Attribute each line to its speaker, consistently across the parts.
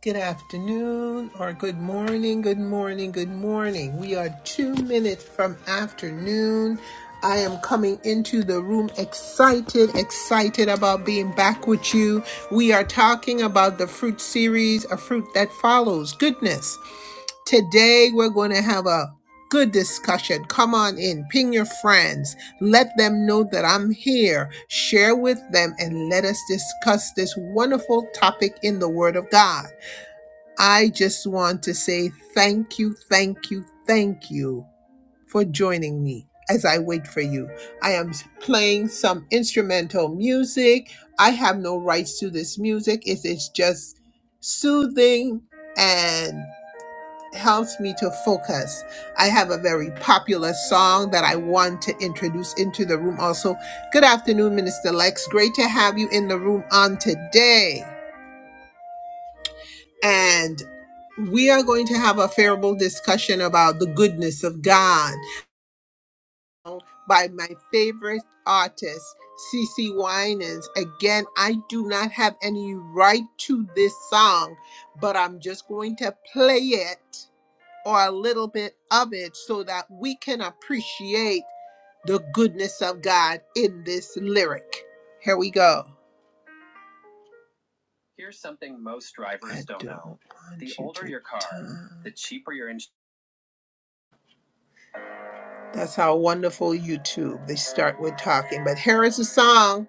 Speaker 1: Good afternoon, or good morning, good morning, good morning. We are two minutes from afternoon. I am coming into the room excited, excited about being back with you. We are talking about the fruit series, a fruit that follows goodness. Today, we're going to have a good discussion. Come on in, ping your friends, let them know that I'm here, share with them, and let us discuss this wonderful topic in the Word of God. I just want to say thank you, thank you, thank you for joining me as I wait for you. I am playing some instrumental music. I have no rights to this music. It is just soothing and helps me to focus. I have a very popular song that I want to introduce into the room also. Good afternoon, Minister Lex. Great to have you in the room on today and we are going to have a favorable discussion about the goodness of God by my favorite artist, CC Winans. Again, I do not have any right to this song, but I'm just going to play it or a little bit of it so that we can appreciate the goodness of God in this lyric. Here we go. Here's something most drivers don't, don't know. The older your car, the cheaper your insurance. That's how wonderful YouTube. They start with talking, but here is the song.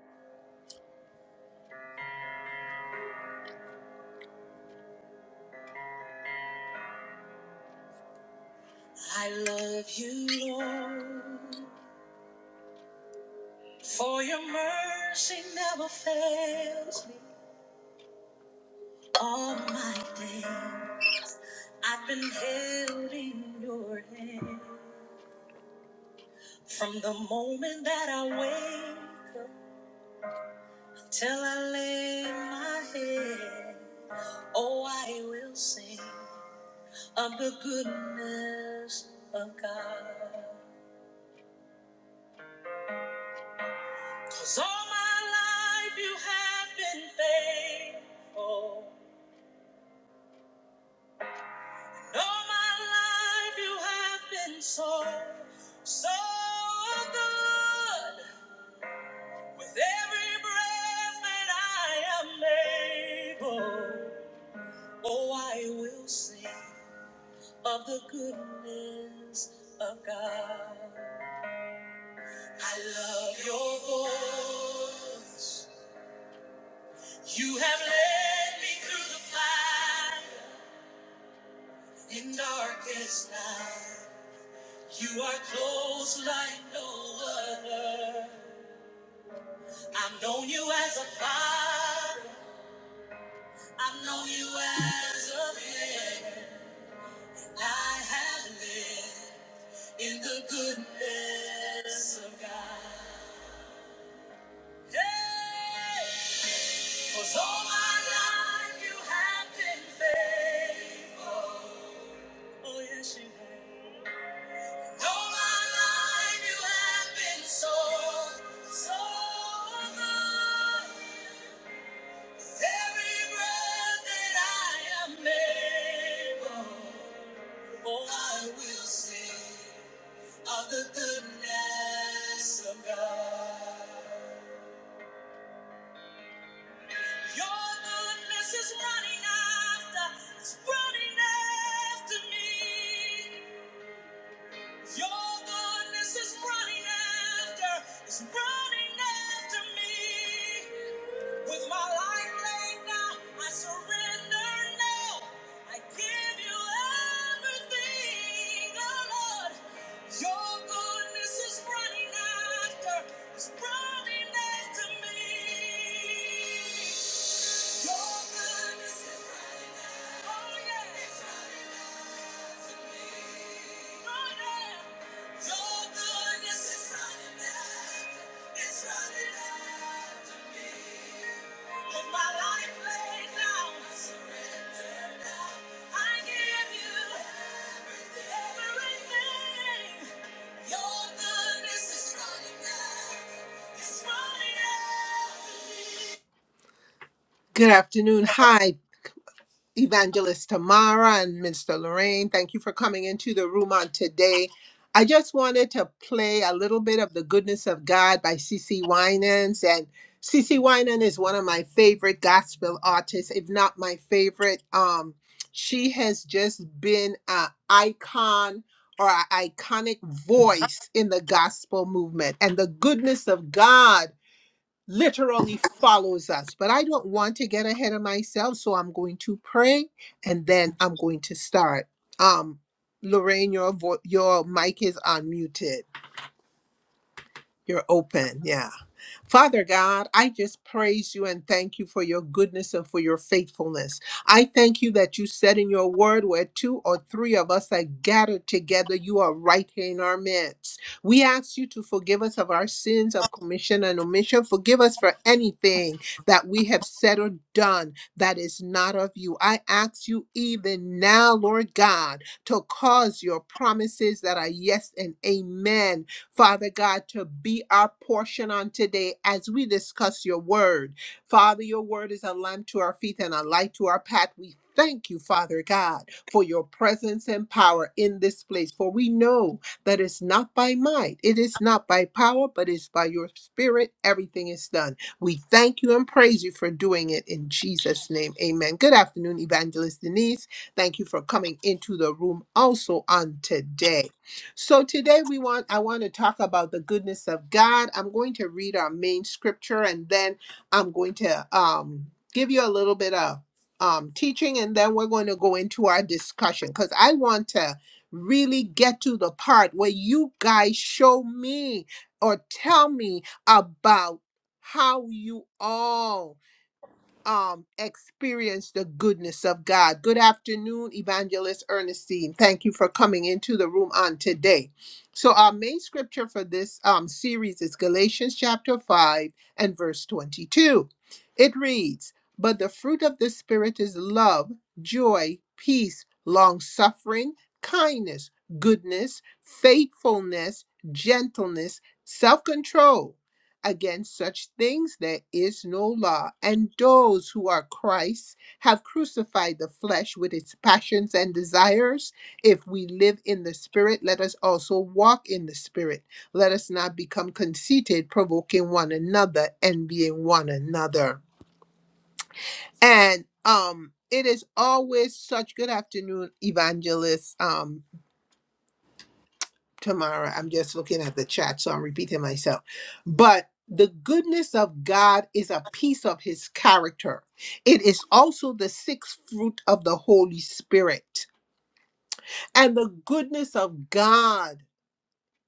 Speaker 1: I love you, Lord, for your mercy never fails me. All my day, I've been held in your hand from the moment that I wake up till I lay my head. Oh, I will sing of the goodness of God. 'Cause all my life you have been faithful. All my life you have been so, so good. With every breath that I am able, oh, I will sing of the goodness of God. I love your voice. You have led me through the fire. In darkest night, you are close like no other. I've known you as a father. I've known you as a friend. I have lived in the goodness of God. Hey! 'Cause all my life you have been faithful. Oh, yes, you have. All my life you have been so, so good. Every breath that I am able, oh, I will sing of the goodness of God. Your goodness is running after, it's running after me. Your goodness is running after, is running after me. With my life laid down, I surrender now. I give you everything, oh Lord. Your goodness is running after, is running after me. Your goodness is running after, oh yeah, it's running after me. Oh yeah. Good afternoon. Hi, Evangelist Tamara and Minister Lorraine. Thank you for coming into the room on today. I just wanted to play a little bit of The Goodness of God by C.C. Winans. And C.C. Winan is one of my favorite gospel artists, if not my favorite. Um, she has just been an icon or an iconic voice in the gospel movement. And the goodness of God literally follows us. But I don't want to get ahead of myself, so I'm going to pray and then I'm going to start. Um, Lorraine, your vo- your mic is unmuted. You're open. yeah. Father God, I just praise you and thank you for your goodness and for your faithfulness. I thank you that you said in your word where two or three of us are gathered together, you are right here in our midst. We ask you to forgive us of our sins of commission and omission. Forgive us for anything that we have said or done that is not of you. I ask you even now, Lord God, to cause your promises that are yes and amen Father God, to be our portion on today as we discuss your word. Father, your word is a lamp to our feet and a light to our path. We thank you, Father God, for your presence and power in this place. For we know that it's not by might, it is not by power, but it's by your spirit. Everything is done. We thank you and praise you for doing it in Jesus' name. Amen. Good afternoon, Evangelist Denise. Thank you for coming into the room also on today. So today we want I want to talk about the goodness of God. I'm going to read our main scripture and then I'm going to um give you a little bit of um teaching and then we're going to go into our discussion cuz I want to really get to the part where you guys show me or tell me about how you all um experience the goodness of God. Good afternoon, Evangelist Ernestine. Thank you for coming into the room on today. So our main scripture for this um series is Galatians chapter 5 and verse 22. It reads, "But the fruit of the spirit is love, joy, peace, long-suffering, kindness, goodness, faithfulness, gentleness, self-control." against such things there is no law. And those who are Christ have crucified the flesh with its passions and desires. If we live in the Spirit, let us also walk in the Spirit. Let us not become conceited, provoking one another, envying one another. And um it is always such good afternoon, evangelist. um, Tamara. I'm just looking at the chat, so I'm repeating myself. But the goodness of God is a piece of his character. It is also the sixth fruit of the Holy Spirit. And the goodness of God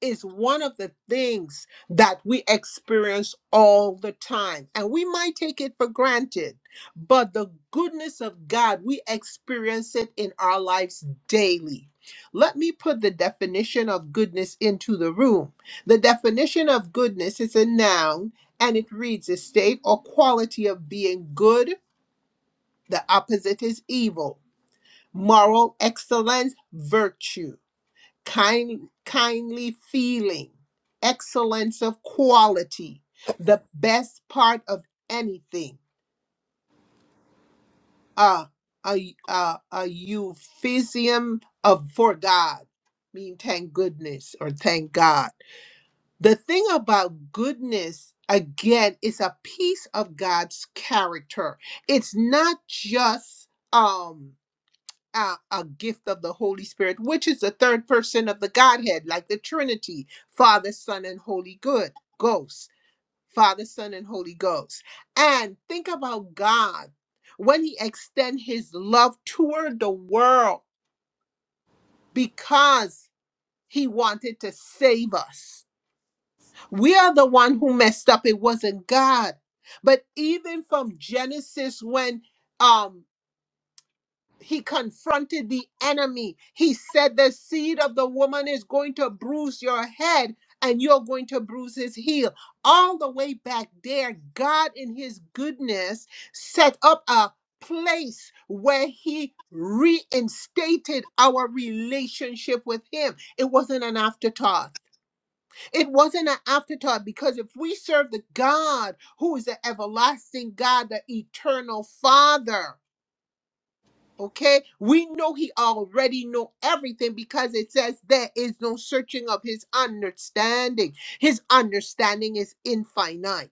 Speaker 1: is one of the things that we experience all the time. And we might take it for granted, but the goodness of God, we experience it in our lives daily. Let me put the definition of goodness into the room. The definition of goodness is a noun and it reads a state or quality of being good. The opposite is evil. Moral excellence, virtue kind, kindly feeling, excellence of quality, the best part of anything, uh, a, a, a euphemism of for God, mean thank goodness or thank God. The thing about goodness, again, is a piece of God's character. It's not just um uh, a gift of the Holy Spirit, which is the third person of the Godhead, like the Trinity, Father, Son, and Holy Good Ghost, Father, Son, and Holy Ghost. And think about God when He extend His love toward the world because He wanted to save us. We are the one who messed up. It wasn't God. But even from Genesis, when um he confronted the enemy. He said, The seed of the woman is going to bruise your head and you're going to bruise his heel. All the way back there, God, in his goodness, set up a place where he reinstated our relationship with him. It wasn't an afterthought. It wasn't an afterthought because if we serve the God who is the everlasting God, the eternal Father, Okay, we know he already know everything because it says there is no searching of his understanding. His understanding is infinite.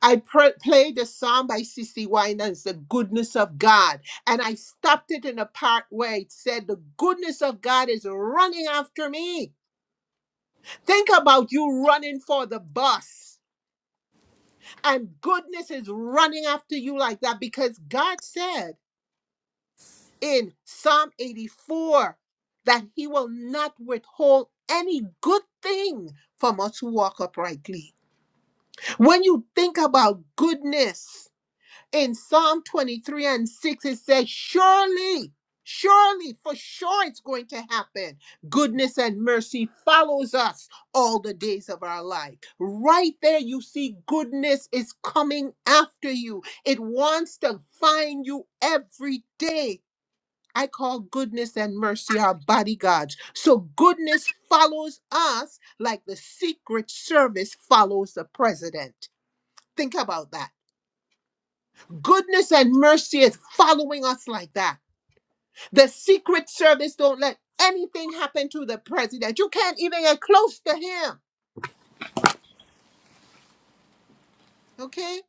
Speaker 1: I pr- played a song by C.C. Winans, "The Goodness of God," and I stopped it in a part where it said, "The goodness of God is running after me." Think about you running for the bus, and goodness is running after you like that because God said. in Psalm 84 that he will not withhold any good thing from us who walk uprightly. When you think about goodness in Psalm 23 and 6, it says, Surely, surely, for sure it's going to happen. Goodness and mercy follows us all the days of our life. Right there, you see, goodness is coming after you. It wants to find you every day I call goodness and mercy our bodyguards. So goodness follows us like the Secret Service follows the president. Think about that. Goodness and mercy is following us like that. The Secret Service don't let anything happen to the president. You can't even get close to him. Okay?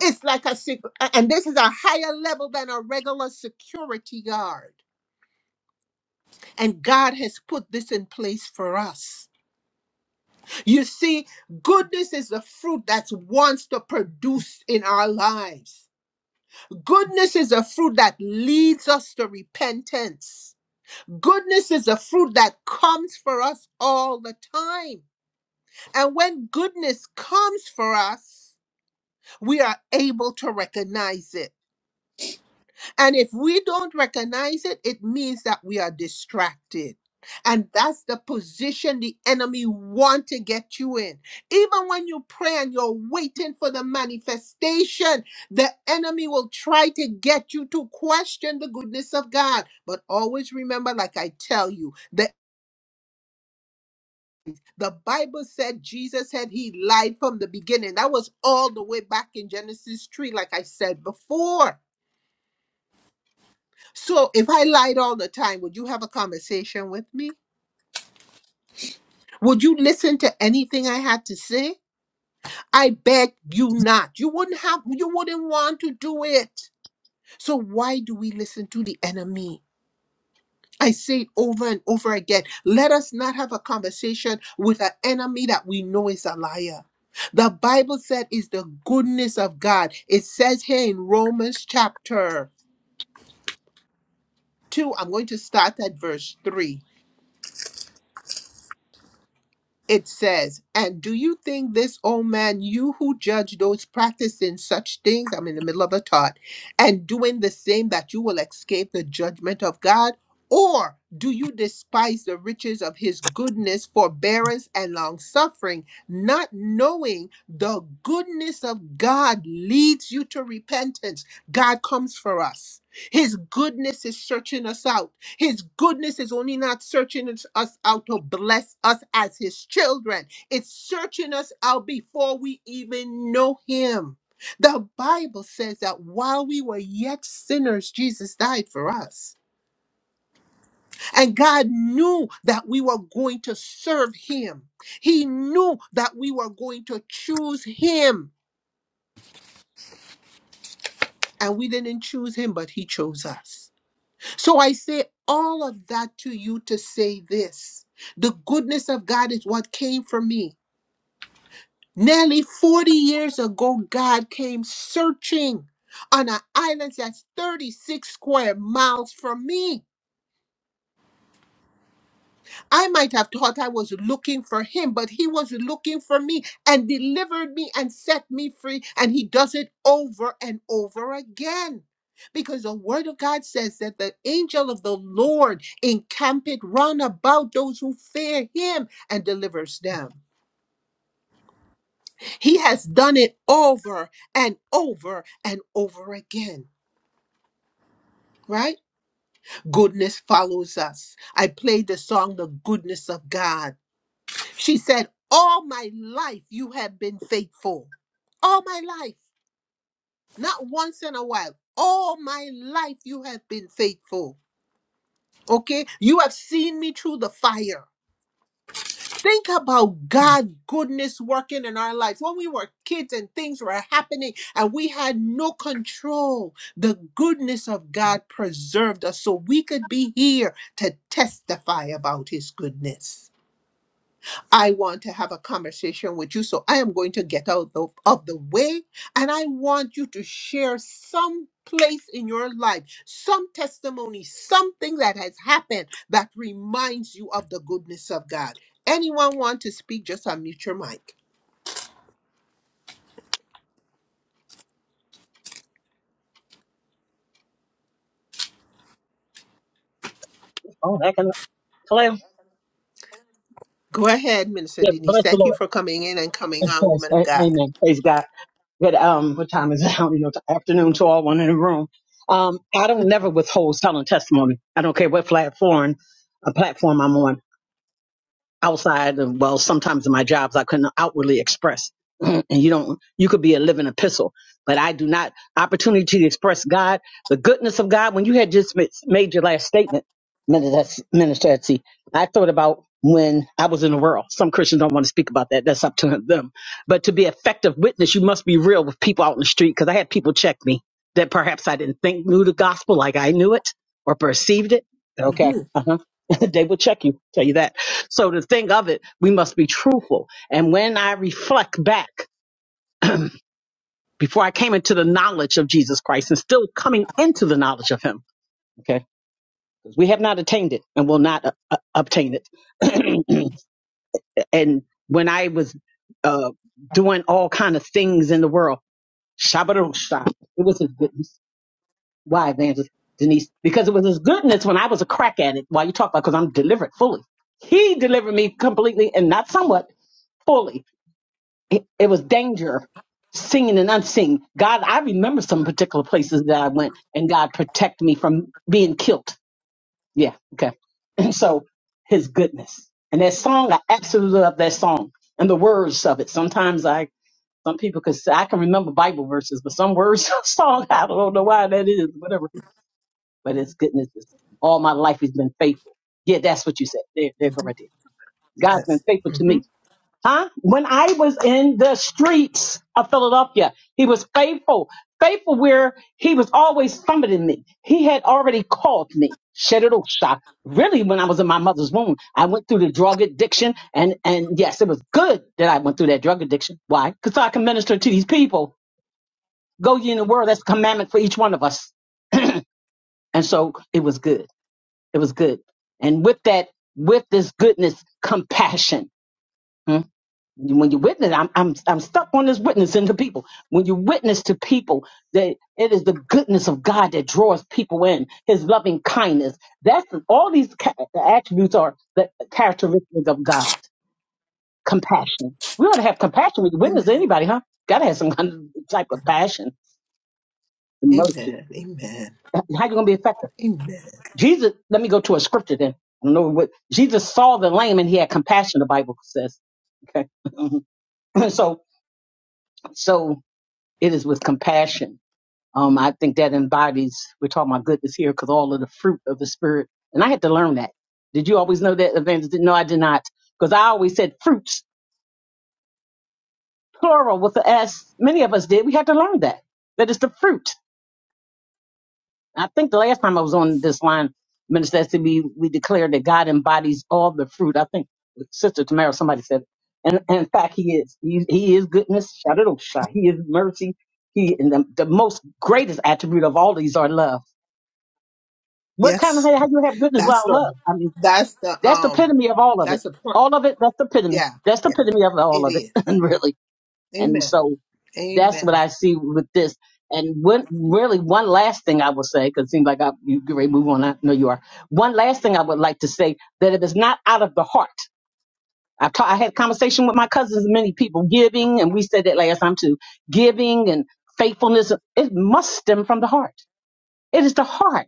Speaker 1: It's like a secret, and this is a higher level than a regular security guard. And God has put this in place for us. You see, goodness is a fruit that wants to produce in our lives. Goodness is a fruit that leads us to repentance. Goodness is a fruit that comes for us all the time. And when goodness comes for us, we are able to recognize it. And if we don't recognize it, it means that we are distracted. And that's the position the enemy want to get you in. Even when you pray and you're waiting for the manifestation, the enemy will try to get you to question the goodness of God. But always remember, like I tell you, that the Bible said Jesus said he lied from the beginning. That was all the way back in Genesis 3, like I said before. So if I lied all the time, would you have a conversation with me? Would you listen to anything I had to say? I beg you not. You wouldn't have you wouldn't want to do it. So why do we listen to the enemy? I say it over and over again. Let us not have a conversation with an enemy that we know is a liar. The Bible said is the goodness of God. It says here in Romans chapter 2, I'm going to start at verse 3. it says, And do you think this, O man, you who judge those practicing such things, I'm in the middle of a thought, and doing the same, that you will escape the judgment of God? Or do you despise the riches of his goodness, forbearance, and long suffering, not knowing the goodness of God leads you to repentance? God comes for us. His goodness is searching us out. His goodness is only not searching us us out to bless us as His children, it's searching us out before we even know Him. The Bible says that while we were yet sinners, Jesus died for us. And God knew that we were going to serve Him. He knew that we were going to choose Him. And we didn't choose Him, but He chose us. So I say all of that to you to say this the goodness of God is what came for me. Nearly 40 years ago, God came searching on an island that's 36 square miles from me. I might have thought I was looking for him, but he was looking for me and delivered me and set me free. And he does it over and over again. Because the word of God says that the angel of the Lord encampeth round about those who fear him and delivers them. He has done it over and over and over again, right? Goodness follows us. I played the song, The Goodness of God She said, All my life you have been faithful. All my life. Not once in a while. All my life you have been faithful. Okay? You have seen me through the fire. Think about God goodness working in our lives. When we were kids and things were happening and we had no control, the goodness of God preserved us so we could be here to testify about his goodness. I want to have a conversation with you. So I am going to get out of, of the way. And I want you to share some place in your life, some testimony, something that has happened that reminds you of the goodness of God. Anyone want to speak? Just unmute your mic.
Speaker 2: Oh, that can, hello.
Speaker 1: Go ahead, Minister
Speaker 2: Yeah,
Speaker 1: Denise.
Speaker 2: bless the
Speaker 1: Thank you
Speaker 2: Lord.
Speaker 1: for coming in and coming
Speaker 2: Of
Speaker 1: on,
Speaker 2: course.
Speaker 1: woman of
Speaker 2: A-
Speaker 1: God.
Speaker 2: Amen. Praise God. But um, what time is it? I don't know. Afternoon to all one in the room. Um, I don't never withhold telling testimony. I don't care what platform, a platform I'm on. outside of well sometimes in my jobs i couldn't outwardly express and you don't you could be a living epistle but i do not opportunity to express god the goodness of god when you had just ma- made your last statement minister Minister Etsy, i thought about when i was in the world some christians don't want to speak about that that's up to them but to be effective witness you must be real with people out in the street because i had people check me that perhaps i didn't think knew the gospel like i knew it or perceived it okay
Speaker 1: Mhm,
Speaker 2: uh-huh they will check you tell you that so to think of it, we must be truthful. And when I reflect back, before I came into the knowledge of Jesus Christ and still coming into the knowledge of Him, okay, because we have not attained it and will not uh, uh, obtain it. and when I was uh, doing all kind of things in the world, Shabbat it was His goodness. Why, Evangelist Denise? Because it was His goodness when I was a crack at it. Why you talk about? Because I'm delivered fully. He delivered me completely and not somewhat fully it, it was danger singing and unseen god i remember some particular places that i went and god protect me from being killed yeah okay and so his goodness and that song i absolutely love that song and the words of it sometimes i some people could say i can remember bible verses but some words of song i don't know why that is whatever but his goodness is all my life he's been faithful yeah that's what you said there, there go
Speaker 1: mhm,
Speaker 2: right there god's been
Speaker 1: Yes.
Speaker 2: faithful to
Speaker 1: hmm
Speaker 2: me Huh? When I was in the streets of Philadelphia, he was faithful. Faithful where he was always summoning me. He had already called me. Shedderosha. Really, when I was in my mother's womb, I went through the drug addiction. And, and yes, it was good that I went through that drug addiction. Why? Because I can minister to these people. Go ye in the world. That's a commandment for each one of us. And so it was good. It was good. And with that, with this goodness, compassion. hmm, when you witness I'm, I'm i'm stuck on this witnessing to people when you witness to people that it is the goodness of god that draws people in his loving kindness that's all these ca- attributes are the characteristics of god compassion we ought to have compassion when you witness to
Speaker 1: Amen.
Speaker 2: anybody huh gotta have some kind of type of passion and mercy
Speaker 1: Amen. Amen.
Speaker 2: how you gonna be effective
Speaker 1: Amen.
Speaker 2: jesus let me go to a scripture then I don't know what jesus saw the lame and he had compassion the bible says okay so so it is with compassion Um, I think that embodies, we're talking about goodness here, because all of the fruit of the spirit. And I had to learn that. Did you always know that, Evangelist? No, I did not. Because I always said fruits, plural, with the S. Many of us did. We had to learn that. That it's the fruit. I think the last time I was on this line, Minister SCB, we, we declared that God embodies all the fruit. I think Sister Tamara, somebody said, and, and in fact, He is. He, he is goodness. Shadadosha. He is mercy. He, and the, the most greatest attribute of all these are love What kind of
Speaker 1: Yes.
Speaker 2: hey, how you have goodness
Speaker 1: That's
Speaker 2: without
Speaker 1: the
Speaker 2: love? I mean,
Speaker 1: that's the
Speaker 2: that's the
Speaker 1: um
Speaker 2: epitome of all of it.
Speaker 1: that's the point.
Speaker 2: All of it. That's the epitome.
Speaker 1: Yeah,
Speaker 2: That's the
Speaker 1: yeah,
Speaker 2: epitome of all
Speaker 1: it
Speaker 2: of it,
Speaker 1: is.
Speaker 2: and really. And
Speaker 1: Amen.
Speaker 2: so that's what
Speaker 1: Amen.
Speaker 2: I see with this. And when, really, one last thing I will say, because it seems like I, you get ready to move on. I know you are. One last thing I would like to say that if it's not out of the heart, I've ta- I had a conversation with my cousins and many people giving, and we said that last time too. Giving and faithfulness, it must stem from the heart. It is the heart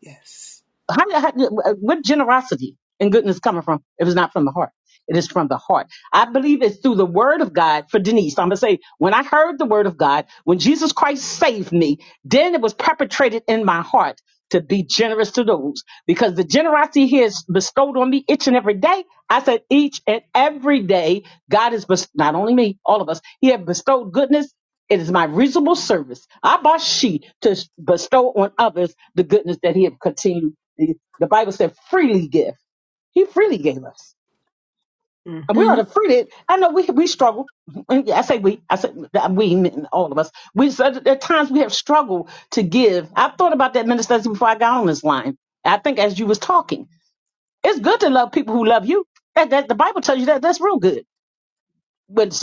Speaker 1: Yes.
Speaker 2: how, how, where generosity and goodness coming from if it's not from the heart? It is from the heart. I believe it's through the word of God for Denise. I'm going to say, when I heard the word of God, when Jesus Christ saved me, then it was perpetrated in my heart to be generous to those because the generosity he has bestowed on me each and every day. I said, each and every day, God has bestowed, not only me, all of us, he has bestowed goodness. It is my reasonable service, abashi, to bestow on others the goodness that he has continued. The the Bible said, freely give. He freely gave us. And we ought
Speaker 1: Hmm.
Speaker 2: to free it. I know we we struggle. And Yeah, I say we. I say that we, mean all of us. We said at times we have struggled to give. I thought about that minister Stacy, before I got on this line. I think as you was talking, it's good to love people who love you. That, that the Bible tells you that that's real good with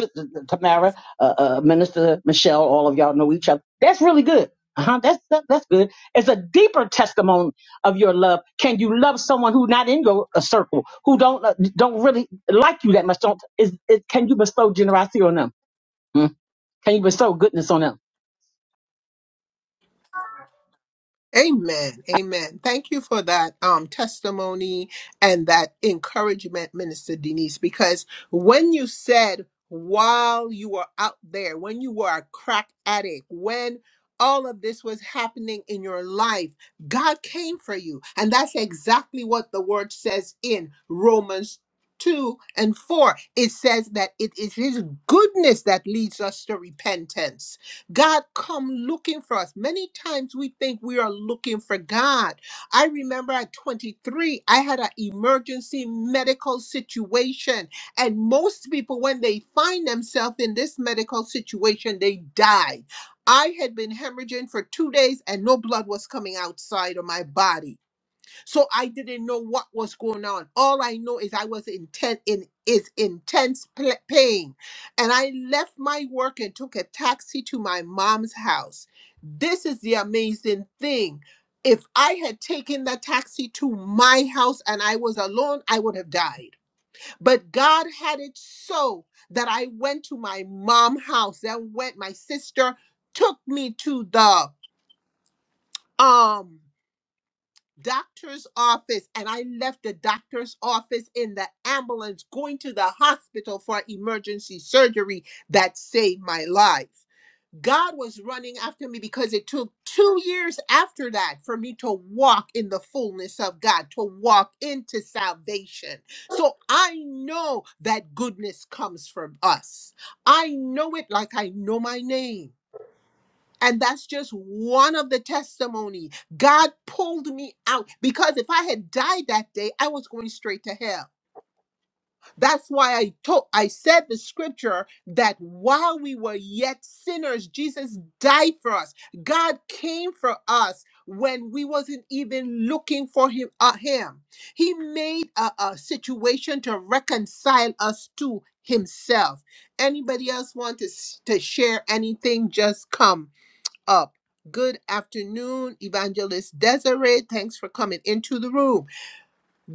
Speaker 2: Tamara, uh, uh, Minister Michelle, all of y'all know each other. That's really good. Uh-huh, that's that, that's good. It's a deeper testimony of your love. Can you love someone who not in your uh, circle, who don't uh, don't really like you that much? Don't is, is can you bestow generosity on them? Hmm? Can you bestow goodness on them?
Speaker 1: Amen. Amen. Thank you for that um, testimony and that encouragement, Minister Denise, because when you said while you were out there, when you were a crack addict, when all of this was happening in your life, God came for you. And that's exactly what the word says in Romans 2 and 4. It says that it is His goodness that leads us to repentance. God come looking for us. Many times we think we are looking for God. I remember at 23, I had an emergency medical situation. And most people, when they find themselves in this medical situation, they die. I had been hemorrhaging for two days and no blood was coming outside of my body. So I didn't know what was going on. All I know is I was intent in is intense pl- pain. And I left my work and took a taxi to my mom's house. This is the amazing thing. If I had taken that taxi to my house and I was alone, I would have died. But God had it so that I went to my mom's house. Then went my sister took me to the um doctor's office and I left the doctor's office in the ambulance going to the hospital for emergency surgery that saved my life. God was running after me because it took two years after that for me to walk in the fullness of God, to walk into salvation. So I know that goodness comes from us. I know it like I know my name. And that's just one of the testimony. God pulled me out because if I had died that day, I was going straight to hell. That's why I told I said the scripture that while we were yet sinners, Jesus died for us. God came for us when we wasn't even looking for him. Uh, him. He made a, a situation to reconcile us to himself. Anybody else want to, s- to share anything? Just come up. Good afternoon, Evangelist Desiree. Thanks for coming into the room.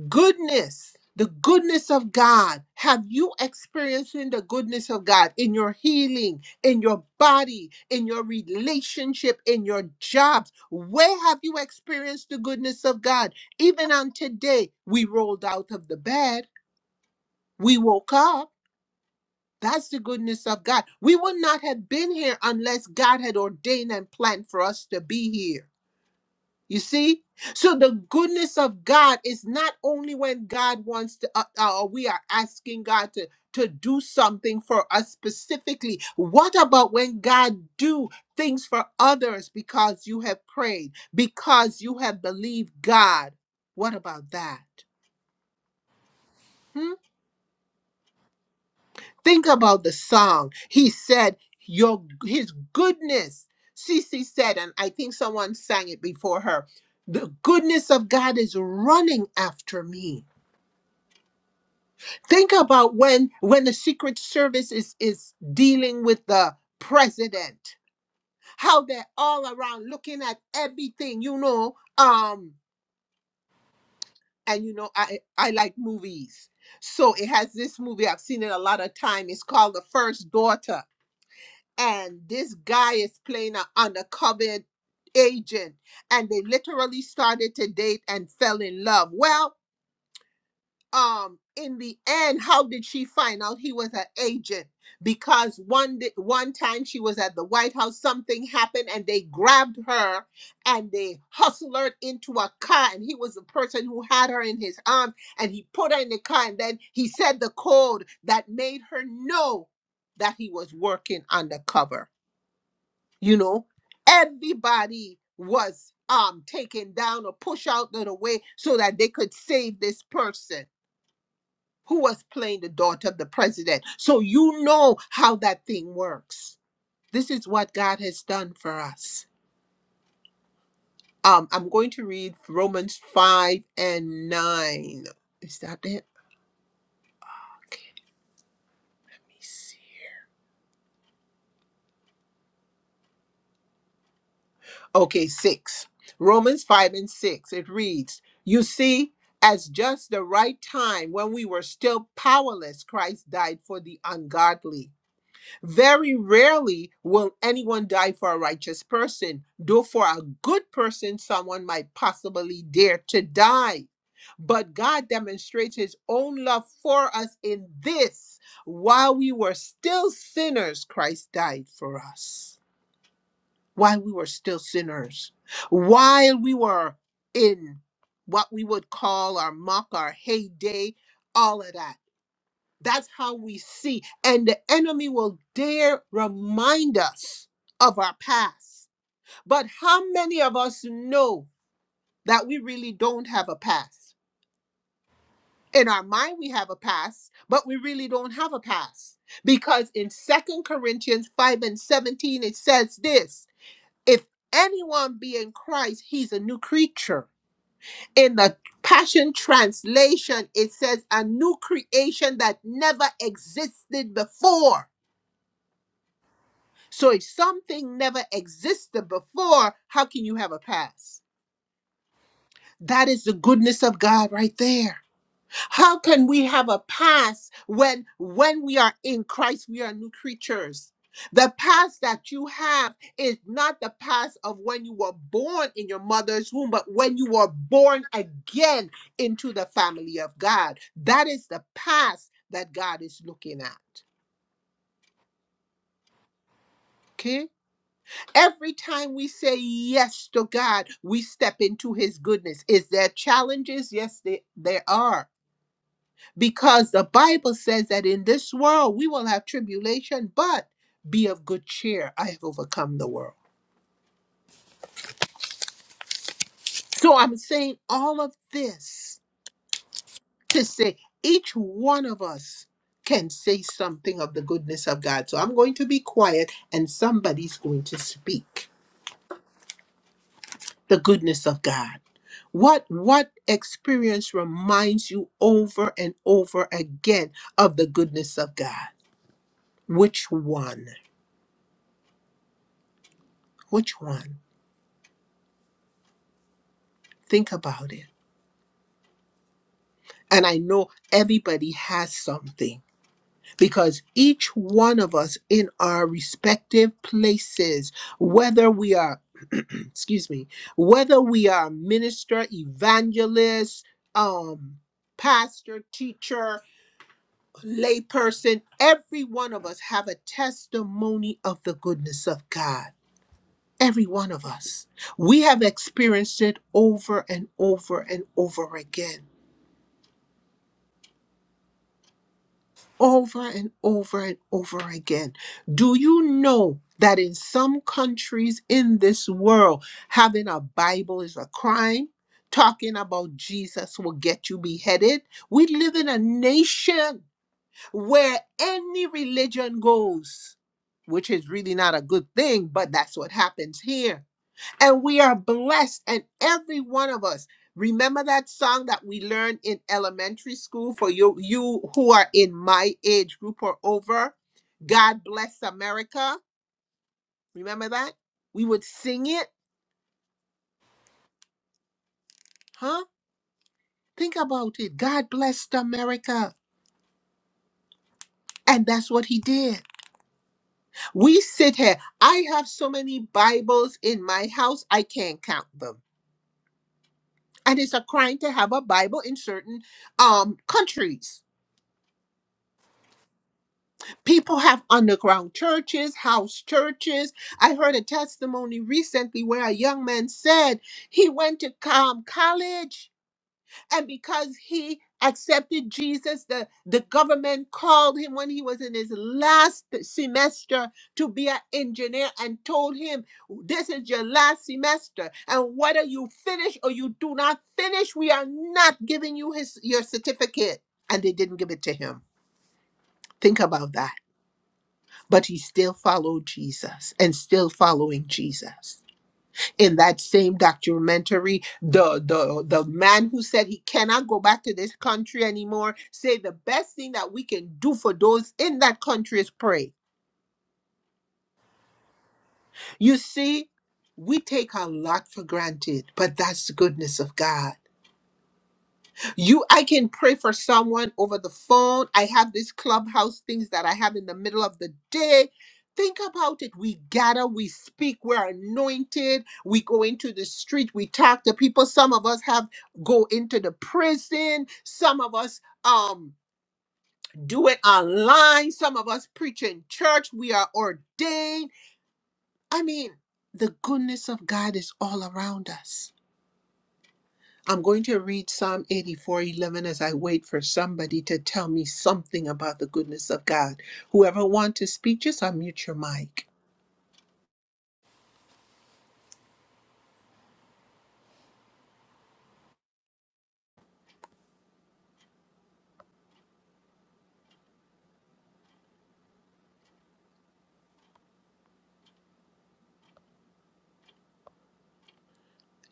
Speaker 1: Goodness, the goodness of God. Have you experiencing the goodness of God in your healing, in your body, in your relationship, in your jobs? Where have you experienced the goodness of God? Even on today, we rolled out of the bed, we woke up. That's the goodness of God. We would not have been here unless God had ordained and planned for us to be here. You see? So the goodness of God is not only when God wants to, uh, uh, we are asking God to, to do something for us specifically. What about when God do things for others because you have prayed, because you have believed God? What about that? Hmm? Think about the song. He said, your his goodness. Cece said, and I think someone sang it before her, the goodness of God is running after me. think about when when the secret service is is dealing with the president how they're all around looking at everything you know um and you know i i like movies so it has this movie i've seen it a lot of time it's called the first daughter and this guy is playing an undercover agent and they literally started to date and fell in love well um in the end how did she find out he was her agent because one di- one time she was at the white house something happened and they grabbed her and they hustled her into a car and he was the person who had her in his arms and he put her in the car and then he said the code that made her know that he was working undercover you know everybody was um taken down or pushed out of the way so that they could save this person who was playing the daughter of the president. So you know how that thing works. This is what God has done for us. Um, I'm going to read Romans 5 and 9. Is that it? Let me see. Okay, 6. Romans 5 and 6. It reads, You see, as just the right time when we were still powerless, Christ died for the ungodly. Very rarely will anyone die for a righteous person, though for a good person, someone might possibly dare to die. But God demonstrates his own love for us in this while we were still sinners, Christ died for us. While we were still sinners, while we were in what we would call our muck, our heyday, all of that. That's how we see. And the enemy will dare remind us of our past. But how many of us know that we really don't have a past? In our mind, we have a past, but we really don't have a past. Because in Second Corinthians 5 and 17, it says this if anyone be in Christ, he's a new creature. In the Passion Translation, it says a new creation that never existed before So if something never existed before, how can you have a past? That is the goodness of God right there. How can we have a past when when we are in Christ, we are new creatures? The past that you have is not the past of when you were born in your mother's womb, but when you were born again into the family of God. That is the past that God is looking at. Okay. Every time we say yes to God, we step into his goodness. Is there challenges? Yes, there, there are. Because the Bible says that in this world we will have tribulation, but be of good cheer. I have overcome the world. So I'm saying all of this to say each one of us can say something of the goodness of God. So I'm going to be quiet and somebody's going to speak. the goodness of God? What what experience reminds you over and over again of the goodness of God? Which one? Which one? Think about it. And I know everybody has something because each one of us in our respective places, whether we are, excuse me, whether we are minister, evangelist, um, pastor, teacher, layperson, every one of us have a testimony of the goodness of God. Every one of us. We have experienced it over and over and over again. Over and over and over again. Do you know that in some countries in this world, having a Bible is a crime? Talking about Jesus will get you beheaded. We live in a nation where any religion goes, which is really not a good thing, but that's what happens here. And we are blessed, and every one of us. Remember that song that we learned in elementary school for you, you who are in my age group or over? God bless America. Remember that? We would sing it, huh? Think about it. God blessed America. And that's what he did. We sit here. I have so many Bibles in my house, I can't count them. And it's a crime to have a Bible in certain um, countries. People have underground churches, house churches. I heard a testimony recently where a young man said he went to um, college And because he accepted Jesus, the, the government called him when he was in his last semester to be an engineer and told him, This is your last semester. And whether you finish or you do not finish, we are not giving you his your certificate. And they didn't give it to him. Think about that. But he still followed Jesus and still following Jesus in that same documentary the the the man who said he cannot go back to this country anymore say the best thing that we can do for those in that country is pray you see we take a lot for granted but that's the goodness of god you i can pray for someone over the phone i have these clubhouse things that i have in the middle of the day think about it we gather we speak we're anointed we go into the street we talk to people some of us have go into the prison some of us um do it online some of us preach in church we are ordained i mean the goodness of god is all around us I'm going to read Psalm 84:11 as I wait for somebody to tell me something about the goodness of God. Whoever wants to speak, just unmute your mic.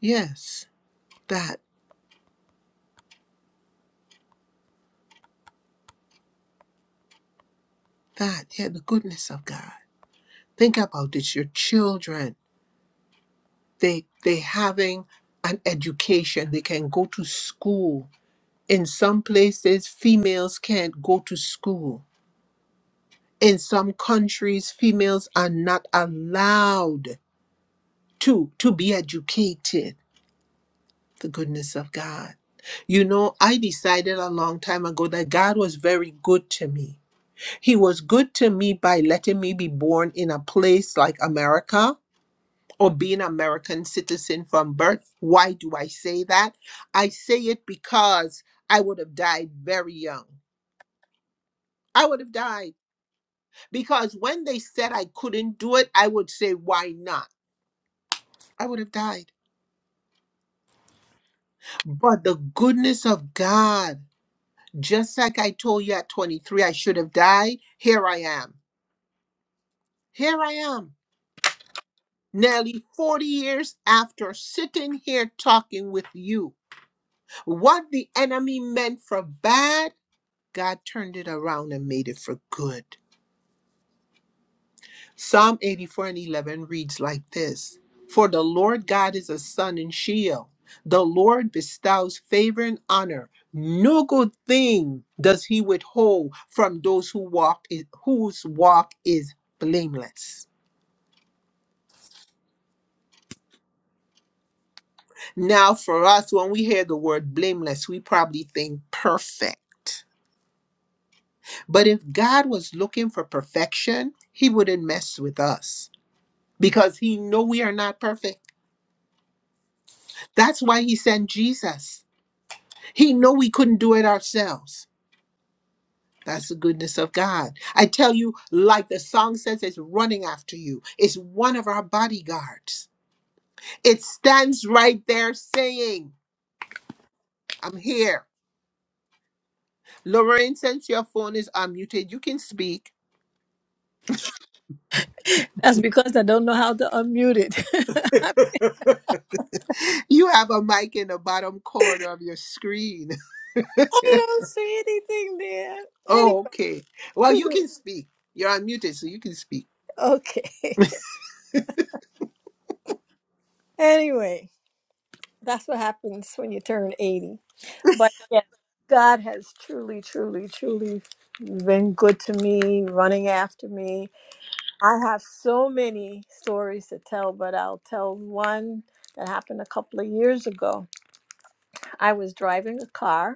Speaker 1: Yes, that, that, yeah, the goodness of God. Think about this. Your children, they they having an education. They can go to school. In some places, females can't go to school. In some countries, females are not allowed to to be educated the goodness of God. You know, I decided a long time ago that God was very good to me. He was good to me by letting me be born in a place like America or be an American citizen from birth. Why do I say that? I say it because I would have died very young. I would have died because when they said I couldn't do it, I would say, why not? I would have died. But the goodness of God Just like I told you at 23, I should have died, here I am. Here I am, nearly 40 years after sitting here talking with you. What the enemy meant for bad, God turned it around and made it for good. Psalm 84 and 11 reads like this For the Lord God is a sun and shield. The Lord bestows favor and honor. No good thing does he withhold from those who walk i- whose walk is blameless. Now, for us, when we hear the word blameless, we probably think perfect. But if God was looking for perfection, he wouldn't mess with us because he know we are not perfect. That's why he sent Jesus He knew we couldn't do it ourselves. That's the goodness of God. I tell you, like the song says, it's running after you. It's one of our bodyguards. It stands right there saying, I'm here. Lorraine, since your phone is unmuted, you can speak.
Speaker 3: That's because I don't know how to unmute it.
Speaker 1: You have a mic in the bottom corner of your screen.
Speaker 3: I don't see anything there.
Speaker 1: oh,
Speaker 3: Anyway,
Speaker 1: okay. Well, you can speak. You're unmuted, so you can speak.
Speaker 3: Okay. Anyway, that's what happens when you turn 80. But yeah, God has truly, truly, truly been good to me, running after me. I have so many stories to tell, but I'll tell one that happened a couple of years ago. I was driving a car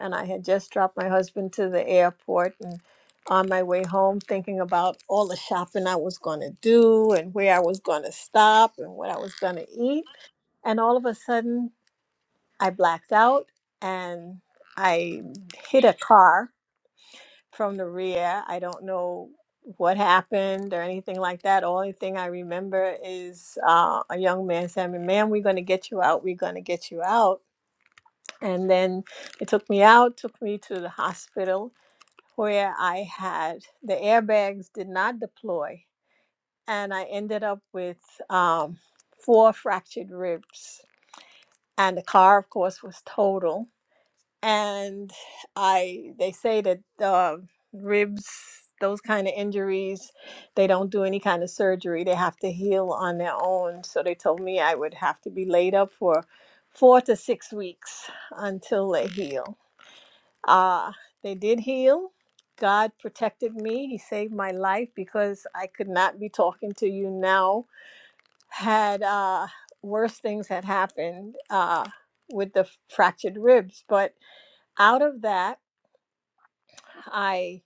Speaker 3: and I had just dropped my husband to the airport and on my way home thinking about all the shopping I was going to do and where I was going to stop and what I was going to eat. And all of a sudden, I blacked out and I hit a car from the rear. I don't know what happened or anything like that. Only thing I remember is uh, a young man saying, "Ma'am, we're going to get you out. We're going to get you out." And then it took me out, took me to the hospital, where I had the airbags did not deploy, and I ended up with um, four fractured ribs. And the car, of course, was total. And I, they say that uh, ribs, those kind of injuries, they don't do any kind of surgery. They have to heal on their own. So they told me I would have to be laid up for four to six weeks until they heal. Uh, they did heal. God protected me. He saved my life because I could not be talking to you now. Had uh, worse things had happened uh, with the fractured ribs, but out of that, I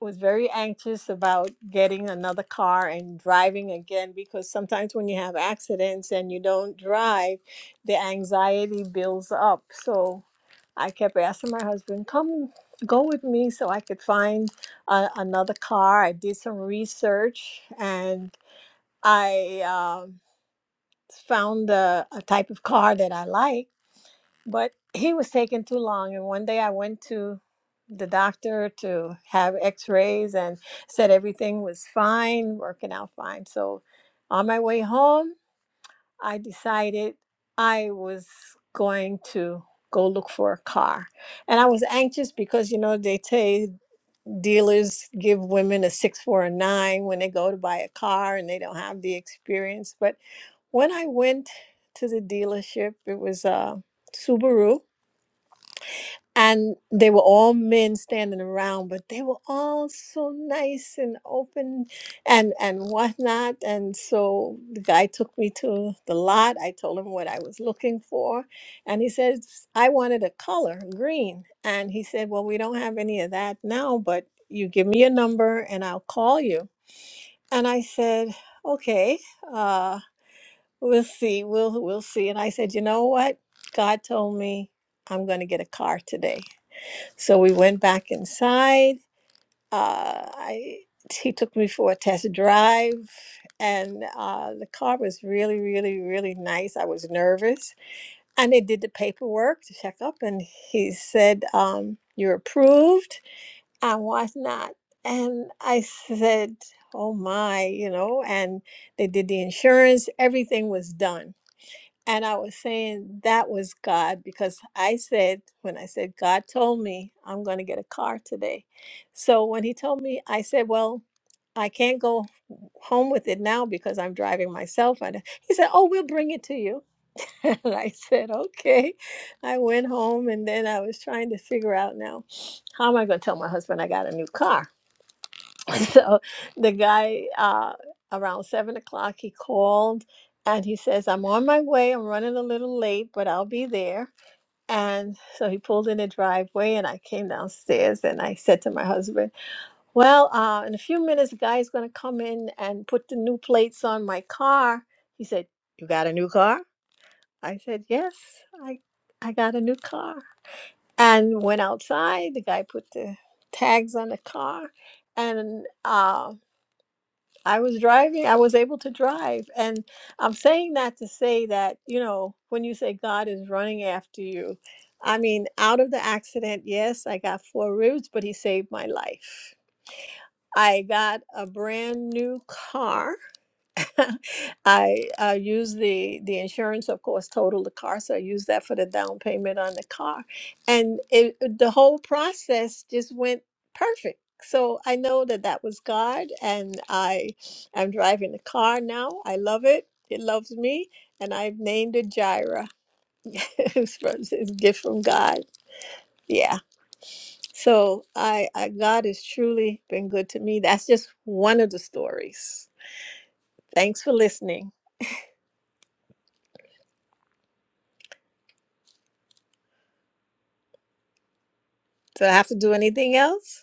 Speaker 3: was very anxious about getting another car and driving again because sometimes when you have accidents and you don't drive, the anxiety builds up. So I kept asking my husband, come go with me so I could find a, another car. I did some research and I um found a, a type of car that I like but he was taking too long. And one day I went to the doctor to have x rays and said everything was fine, working out fine. So on my way home, I decided I was going to go look for a car. And I was anxious because, you know, they say dealers give women a six, four, a nine when they go to buy a car and they don't have the experience. But when I went to the dealership, it was a Subaru and they were all men standing around, but they were all so nice and open and and whatnot. And so the guy took me to the lot. I told him what I was looking for, and he says I wanted a color green. And he said, "Well, we don't have any of that now, but you give me a number and I'll call you." And I said, "Okay, uh, we'll see. We'll we'll see." And I said, "You know what? God told me." I'm going to get a car today. So we went back inside. Uh, I he took me for a test drive, and uh, the car was really, really, really nice. I was nervous, and they did the paperwork to check up, and he said, um, "You're approved." I was not, and I said, "Oh my," you know. And they did the insurance. Everything was done. And I was saying that was God because I said, when I said, God told me I'm going to get a car today. So when he told me, I said, well, I can't go home with it now because I'm driving myself. And he said, oh, we'll bring it to you. and I said, okay. I went home and then I was trying to figure out now, how am I going to tell my husband I got a new car? so the guy uh, around seven o'clock he called and he says i'm on my way i'm running a little late but i'll be there and so he pulled in the driveway and i came downstairs and i said to my husband well uh, in a few minutes the guy's going to come in and put the new plates on my car he said you got a new car i said yes i i got a new car and went outside the guy put the tags on the car and uh, I was driving, I was able to drive. And I'm saying that to say that, you know, when you say God is running after you, I mean, out of the accident, yes, I got four ribs, but he saved my life. I got a brand new car I uh, use the the insurance, of course, total the car, so I use that for the down payment on the car, and it, the whole process just went perfect. So I know that that was God, and I am driving the car now. I love it; it loves me, and I've named it Jira. it's from- it's a gift from God. Yeah. So I, I God has truly been good to me. That's just one of the stories. Thanks for listening. Do I have to do anything else?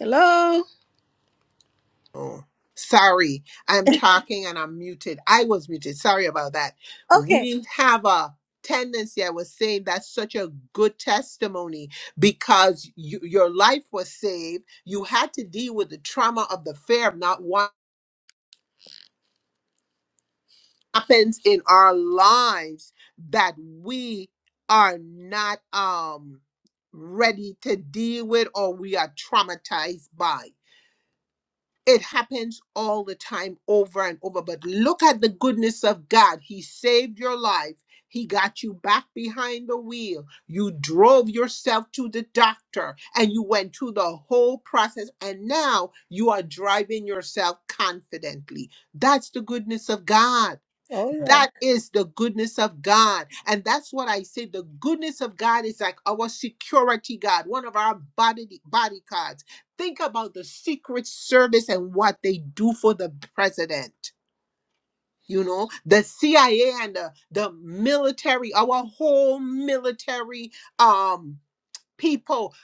Speaker 3: Hello.
Speaker 1: Oh, sorry. I'm talking and I'm muted. I was muted. Sorry about that.
Speaker 3: Okay.
Speaker 1: We have a tendency, I was saying that's such a good testimony because you, your life was saved. You had to deal with the trauma of the fear of not what happens in our lives that we are not um ready to deal with or we are traumatized by. It happens all the time, over and over. But look at the goodness of God. He saved your life. He got you back behind the wheel. You drove yourself to the doctor and you went through the whole process. And now you are driving yourself confidently. That's the goodness of God.
Speaker 3: Oh yeah.
Speaker 1: That is the goodness of God. And that's what I say. The goodness of God is like our security guard, one of our body, body cards. Think about the Secret Service and what they do for the president. You know, the CIA and the, the military, our whole military um people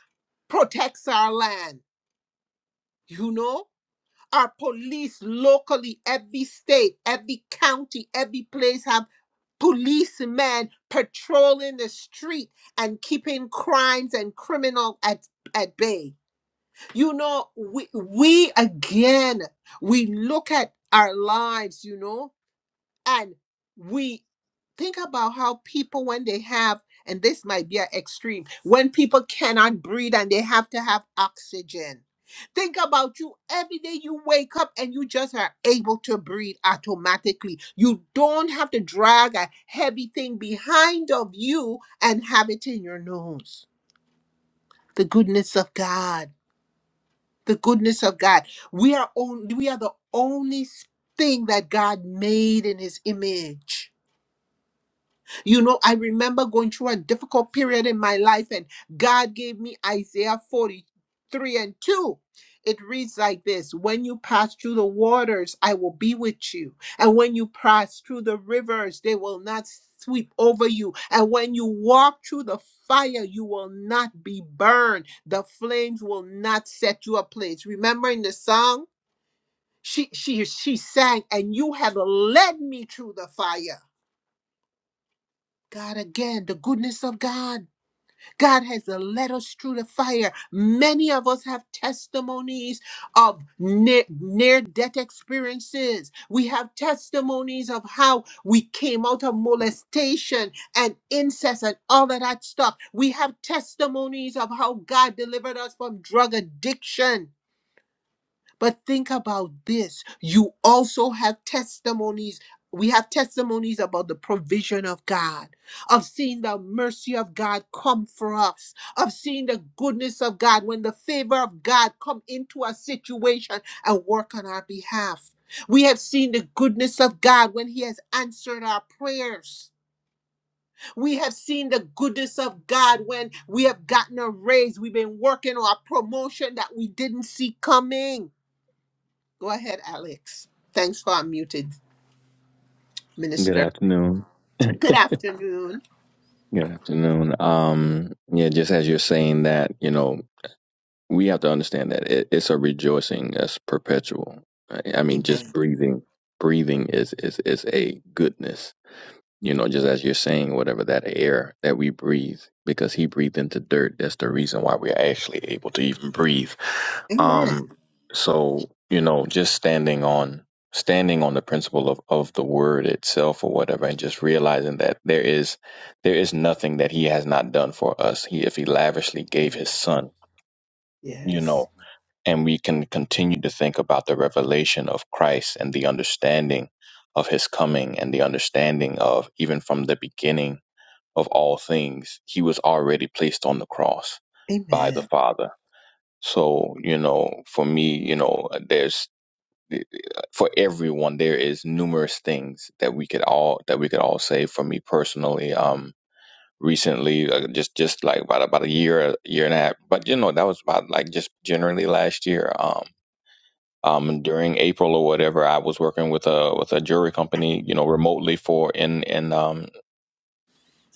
Speaker 1: protects our land, you know? Our police locally, every state, every county, every place have policemen patrolling the street and keeping crimes and criminal at, at bay. You know, we, we again, we look at our lives, you know, and we think about how people when they have and this might be an extreme when people cannot breathe and they have to have oxygen think about you every day you wake up and you just are able to breathe automatically you don't have to drag a heavy thing behind of you and have it in your nose the goodness of god the goodness of god we are only we are the only thing that god made in his image You know, I remember going through a difficult period in my life, and God gave me Isaiah 43 and 2. It reads like this When you pass through the waters, I will be with you. And when you pass through the rivers, they will not sweep over you. And when you walk through the fire, you will not be burned. The flames will not set you ablaze. Remember in the song? She, she, she sang, and you have led me through the fire. God, again, the goodness of God God has led us through the fire. Many of us have testimonies of near death experiences. We have testimonies of how we came out of molestation and incest and all of that stuff. We have testimonies of how God delivered us from drug addiction but think about this. You also have testimonies. We have testimonies about the provision of God, of seeing the mercy of God come for us, of seeing the goodness of God when the favor of God come into a situation and work on our behalf. We have seen the goodness of God when He has answered our prayers. We have seen the goodness of God when we have gotten a raise. We've been working on a promotion that we didn't see coming. Go ahead, Alex. Thanks for unmuted,
Speaker 4: Good
Speaker 1: Minister.
Speaker 4: afternoon. Good
Speaker 1: Good afternoon.
Speaker 4: afternoon. Um, yeah, just as you're saying that, you know, we have to understand that it, it's a rejoicing that's perpetual. I I mean, just
Speaker 1: Amen.
Speaker 4: breathing, breathing is is is a goodness you know, just as you're saying, whatever that air that we breathe, because he breathed into dirt. That's the reason why we're actually able to even breathe.
Speaker 1: Amen.
Speaker 4: Um, so you know, just standing on standing on the principle of, of the word itself or whatever and just realizing that there is there is nothing that he has not done for us he if he lavishly gave his
Speaker 1: Amen.
Speaker 4: son you know
Speaker 1: Yes.
Speaker 4: and we can continue to think about the revelation of Christ and the understanding of his coming and the understanding of even from the beginning of all things, he was already placed on the cross by the
Speaker 1: Amen.
Speaker 4: Father. So, you know, for me, you know, there's for everyone there is numerous things that we could all that we could all say for me personally um recently uh, just just like about about a year year and a half but you know that was about like just generally last year um um, during April or whatever, I was working with a with a jewelry company, you know, remotely for in in um,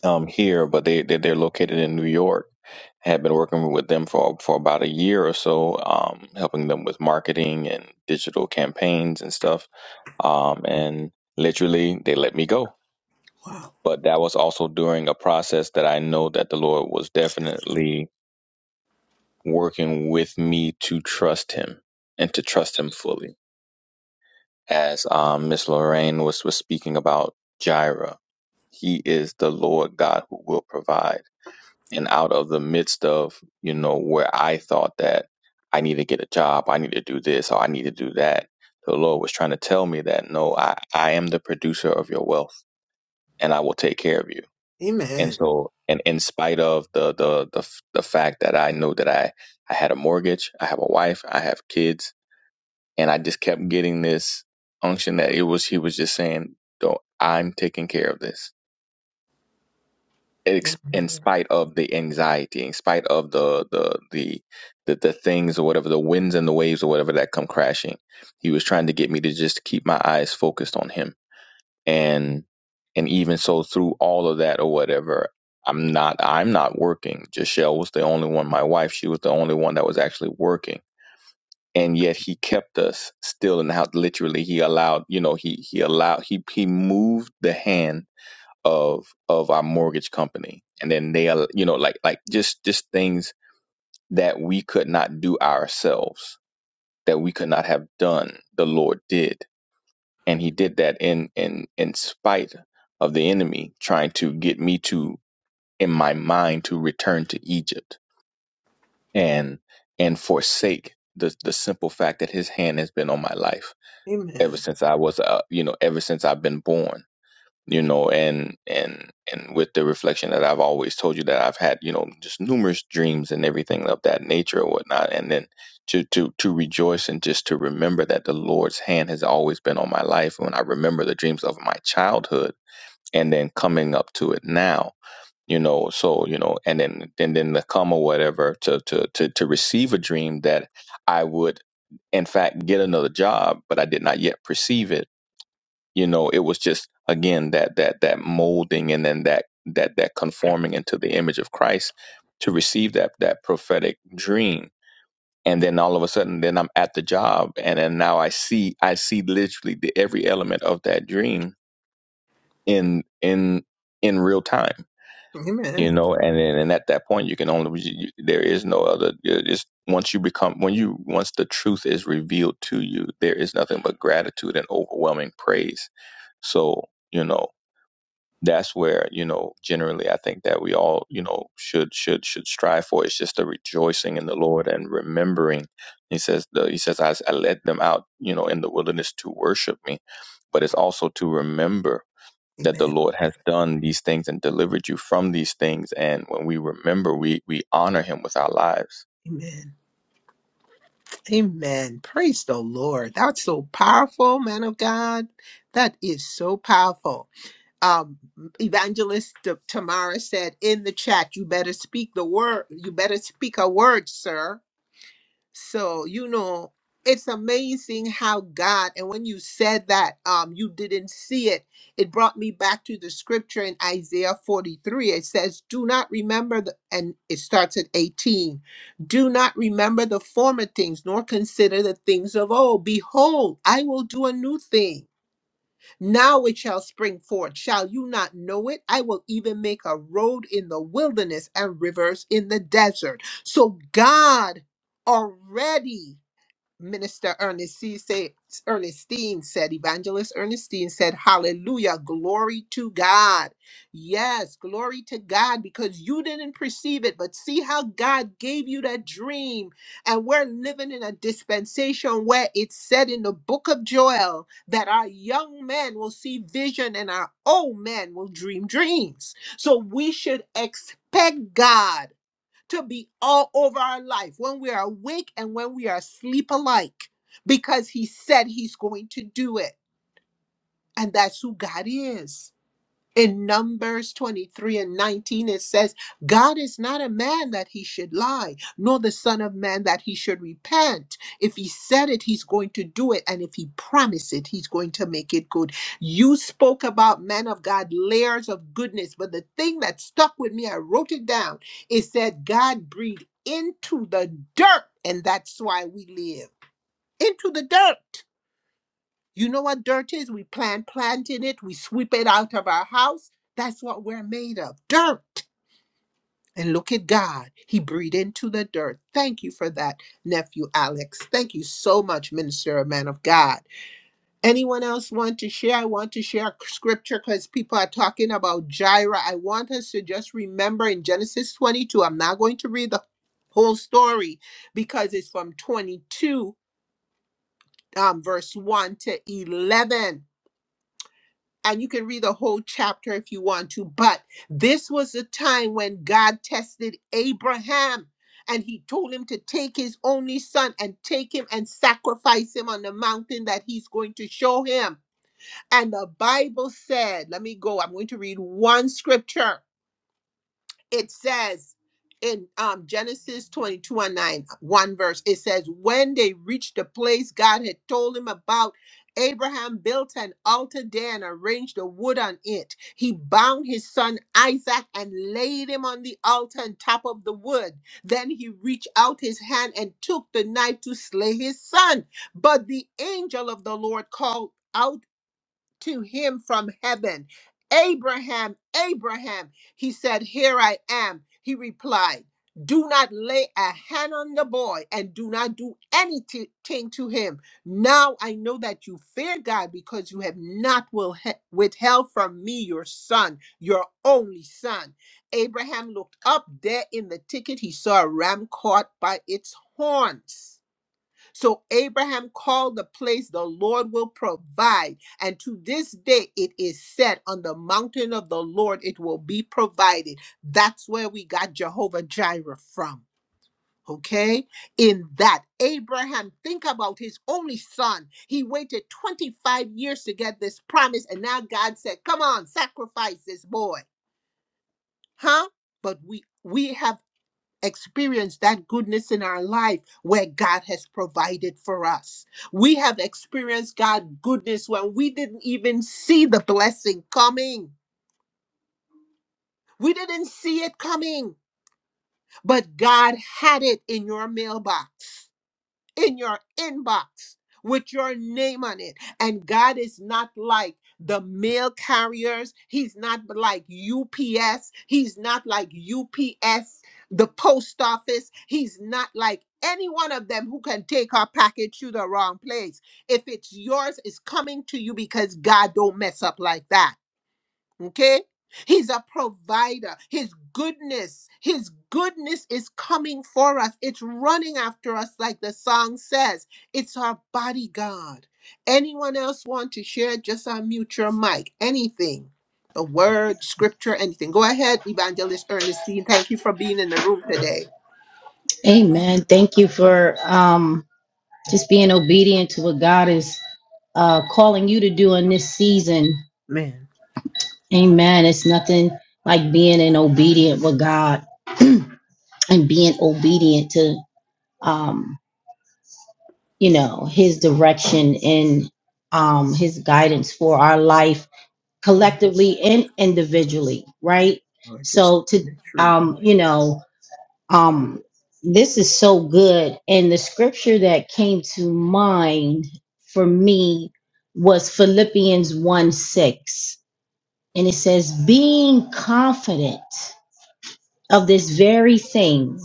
Speaker 4: um, here, but they they- they're located in New York. I had been working with them for for about a year or so, um, helping them with marketing and digital campaigns and stuff. Um, and literally, they let me go.
Speaker 1: Wow.
Speaker 4: But that was also during a process that I know that the Lord was definitely working with me to trust Him and to trust Him fully as um, Miss Lorraine was, was speaking about Jireh. He is the Lord God who will provide. And out of the midst of, you know, where I thought that I need to get a job, I need to do this, or I need to do that, the Lord was trying to tell me that, no, I, I am the producer of your wealth and I will take care of you. And
Speaker 1: Amen.
Speaker 4: so, and in spite of the, the, the, the fact that I know that I, I had a mortgage, I have a wife, I have kids, and I just kept getting this unction that it was he was just saying, "No, I'm taking care of this." Ex-
Speaker 1: Amen.
Speaker 4: In spite of the anxiety, in spite of the the the the, the things or whatever, the winds and the waves or whatever that come crashing, he was trying to get me to just keep my eyes focused on him. And and even so, through all of that or whatever, I'm not I'm not working. Jachelle was the only one. My wife, she was the only one that was actually working and yet he kept us still in the house literally he allowed you know he he allowed he he moved the hand of of our mortgage company and then they al- you know like like just just things that we could not do ourselves that we could not have done the lord did and he did that in in in spite of the enemy trying to get me to in my mind to return to egypt and and forsake the the simple fact that his hand has been on my life ever
Speaker 1: Amen.
Speaker 4: since I was, uh, you know, ever since I've been born, you know, and and and with the reflection that I've always told you that I've had, you know, just numerous dreams and everything of that nature or whatnot, and then to to to rejoice and just to remember that the Lord's hand has always been on my life. When I remember the dreams of my childhood and then coming up to it now. You know, so you know, and then and then to come or whatever to to to to receive a dream that I would in fact get another job, but I did not yet perceive it you know it was just again that that that molding and then that that that conforming into the image of christ to receive that that prophetic dream and then all of a sudden then i'm at the job and then now i see i see literally the every element of that dream in in in real time
Speaker 1: Amen.
Speaker 4: you know and then and at that point you can only you, there is no other you just once you become when you once the truth is revealed to you there is nothing but gratitude and overwhelming praise so you know that's where you know generally i think that we all you know should should should strive for it's just the rejoicing in the lord and remembering he says the, he says I, I led them out you know in the wilderness to worship me but it's also to remember that the lord has done these things and delivered you from these things and when we remember we we honor him with our lives
Speaker 1: Amen. Amen. Praise the Lord. That's so powerful, man of God. That is so powerful. Um, Evangelist T- Tamara said in the chat, "You better speak the word. You better speak a word, sir." So, you know, it's amazing how God, and when you said that, um, you didn't see it. It brought me back to the scripture in Isaiah 43. It says, Do not remember the, and it starts at 18. Do not remember the former things, nor consider the things of old. Behold, I will do a new thing now it shall spring forth. Shall you not know it? I will even make a road in the wilderness and rivers in the desert. So God already Minister Ernestine said, Ernestine said, Evangelist Ernestine said, Hallelujah, glory to God. Yes, glory to God, because you didn't perceive it, but see how God gave you that dream. And we're living in a dispensation where it's said in the book of Joel that our young men will see vision and our old men will dream dreams. So we should expect God to be all over our life when we are awake and when we are asleep alike because he said he's going to do it. And that's who God is in Numbers 23 and 19, it says, God is not a man that he should lie, nor the Son of Man that he should repent. If he said it, he's going to do it. And if he promised it, he's going to make it good. You spoke about, man of God, layers of goodness. But the thing that stuck with me, I wrote it down. It said, God breathed into the dirt. And that's why we live into the dirt. You know what dirt is? We plant plant in it, we sweep it out of our house. That's what we're made of. Dirt. And look at God. He breathed into the dirt. Thank you for that, nephew Alex. Thank you so much, minister, man of God. Anyone else want to share? I want to share scripture because people are talking about Jireh. I want us to just remember in Genesis 22. I'm not going to read the whole story because it's from 22, um, verse 1 to 11 and you can read the whole chapter if you want to. But this was the time when God tested Abraham and he told him to take his only son and take him and sacrifice him on the mountain that he's going to show him. And the Bible said, let me go, I'm going to read one scripture it says in um, Genesis 22 and 9, one verse, it says, When they reached the place God had told him about, Abraham built an altar there and arranged the wood on it. He bound his son Isaac and laid him on the altar on top of the wood. Then he reached out his hand and took the knife to slay his son. But the angel of the Lord called out to him from heaven, Abraham, Abraham. He said, Here I am. He replied, Do not lay a hand on the boy and do not do anything to him. Now I know that you fear God because you have not will- withheld from me your son, your only son. Abraham looked up there in the thicket. He saw a ram caught by its horns. So Abraham called the place the Lord will provide. And to this day, it is said, On the mountain of the Lord, it will be provided. That's where we got Jehovah Jireh from. Okay, in that Abraham, think about his only son. He waited 25 years to get this promise, and now God said, Come on, sacrifice this boy. Huh? But we we have experience that goodness in our life where God has provided for us. We have experienced God goodness when we didn't even see the blessing coming. We didn't see it coming, but God had it in your mailbox. in your inbox with your name on it. And God is not like the mail carriers. He's not like UPS. He's not like UPS, the post office. He's not like any one of them who can take our package to the wrong place. If it's yours, it's coming to you because God don't mess up like that. Okay? He's a provider. His goodness, his goodness is coming for us. It's running after us, like the song says. It's our bodyguard. Anyone else want to share? Just unmute your mic. Anything. A word, scripture, anything. Go ahead, Evangelist Ernestine. Thank you for being in the room today.
Speaker 5: Amen. Thank you for um, just being obedient to what God is uh, calling you to do in this season.
Speaker 1: Man.
Speaker 5: Amen. It's nothing like being in obedient with God and being obedient to, um, you know, His direction and um, His guidance for our life collectively and individually,
Speaker 1: Yes,
Speaker 5: right?
Speaker 1: Lord, just
Speaker 5: So to,
Speaker 1: the truth.
Speaker 5: um, you know, Um, this is so good. And the scripture that came to mind for me was Philippians 1 6. And it says, Being confident of this very thing,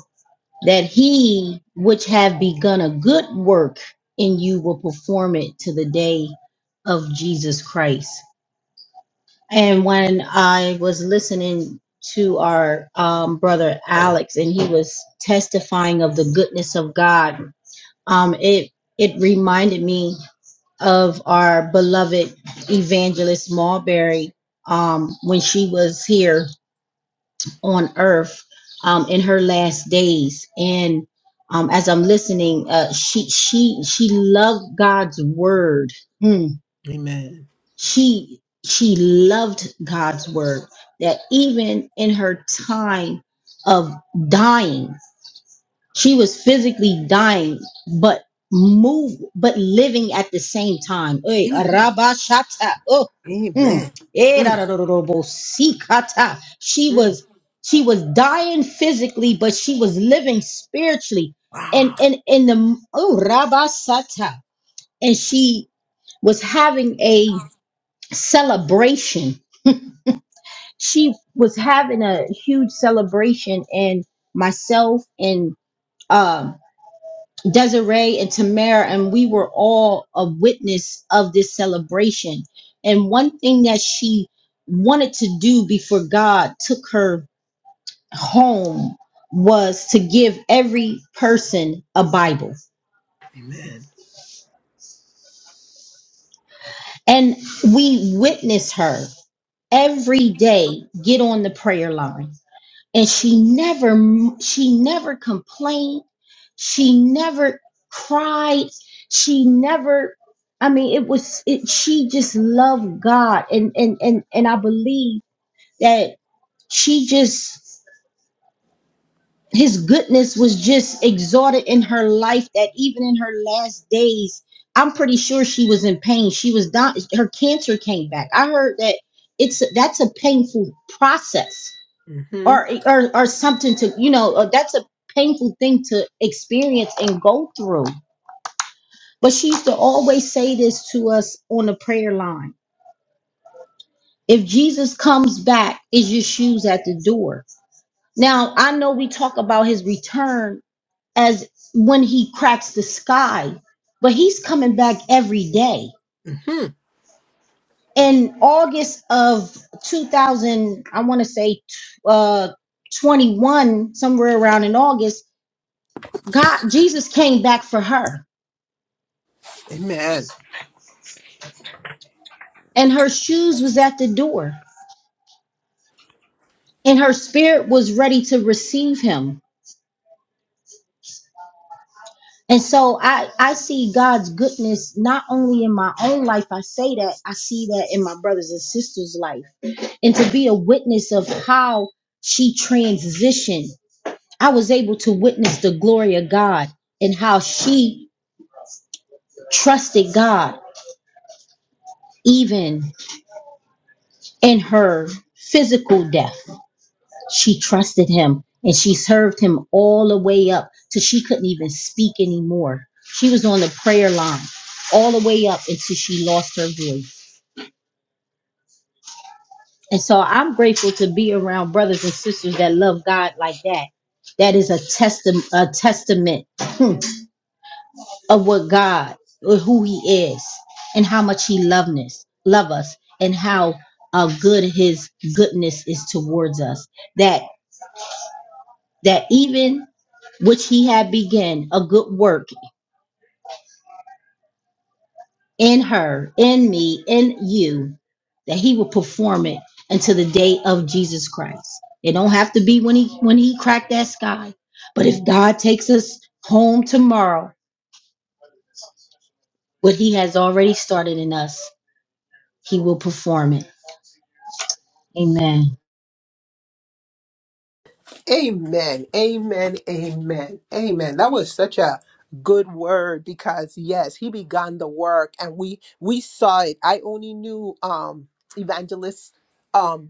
Speaker 5: that he which have begun a good work in you will perform it to the day of Jesus Christ. And when I was listening to our um, brother Alex, and he was testifying of the goodness of God, um, it it reminded me of our beloved evangelist Marbury um, when she was here on Earth um, in her last days. And um, as I'm listening, uh, she she she loved God's word. Hmm
Speaker 1: Amen.
Speaker 5: she she loved God's word that even in her time of dying she was physically dying but move but living at the same time Oy,
Speaker 1: Amen.
Speaker 5: arabashata, oh, mm,
Speaker 1: Amen.
Speaker 5: eh,
Speaker 1: Mm,
Speaker 5: da, da, da, da, da, bo, si, kata. she
Speaker 1: mm.
Speaker 5: was she was dying physically but she was living spiritually
Speaker 1: Wow.
Speaker 5: and and in the oh rabasata and she was having a celebration. She was having a huge celebration, and myself and um Desiree and Tamara, and we were all a witness of this celebration. And one thing that she wanted to do before God took her home was to give every person a Bible.
Speaker 1: Amen.
Speaker 5: And we witness her every day get on the prayer line and she never she never complained she never cried she never i mean it was it she just loved god and and and, and i believe that she just his goodness was just exalted in her life that even in her last days i'm pretty sure she was in pain she was down her cancer came back i heard that it's that's a painful process
Speaker 1: hmm
Speaker 5: or or or something to you know uh, that's a painful thing to experience and go through but she used to always say this to us on the prayer line if jesus comes back is your shoes at the door now i know we talk about his return as when he cracks the sky but he's coming back every day in august of 2000 i want to say uh 21 somewhere around in august God, Jesus came back for her,
Speaker 1: Amen.
Speaker 5: and her shoes was at the door, and her spirit was ready to receive him. And so I, I see God's goodness not only in my own life, I say that, I see that in my brothers and sisters' life. And to be a witness of how she transitioned, I was able to witness the glory of God and how she trusted God even in her physical death She trusted him and she served him all the way up till she couldn't even speak anymore. She was on the prayer line all the way up until she lost her voice. And so I'm grateful to be around brothers and sisters that love God like that. That is a testament a testament hmm, of what God or who he is and how much he loved us, love us and how uh, good his goodness is towards us That. that even which he had begun a good work in her, in me, in you, that he will perform it until the day of Jesus Christ. It don't have to be when he when he cracked that sky. But if God takes us home tomorrow, what he has already started in us, he will perform it. Amen.
Speaker 1: Amen. Amen. Amen. Amen. That was such a good word because yes, he began the work and we we saw it. I only knew um evangelist um,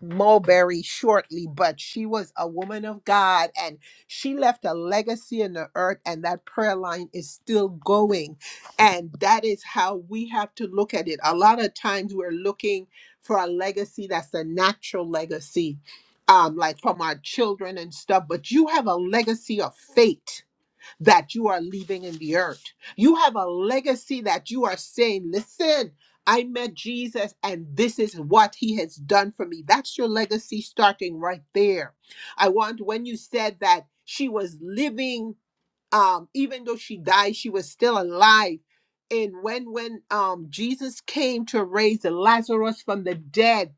Speaker 1: Mulberry shortly, but she was a woman of God and she left a legacy in the earth, and that prayer line is still going. And that is how we have to look at it. A lot of times we're looking for a legacy that's a natural legacy, um, like from our children and stuff, but you have a legacy of faith that you are leaving in the earth. You have a legacy that you are saying, listen, I met Jesus and this is what he has done for me. That's your legacy starting right there. I want when you said that she was living, um, even though she died, she was still alive. And when when um Jesus came to raise Lazarus from the dead,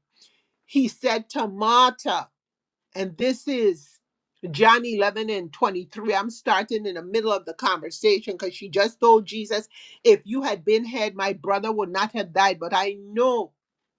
Speaker 1: he said, Tamata. And this is John 11 and 23. I'm starting in the middle of the conversation because she just told Jesus, If you had been here, my brother would not have died. But I know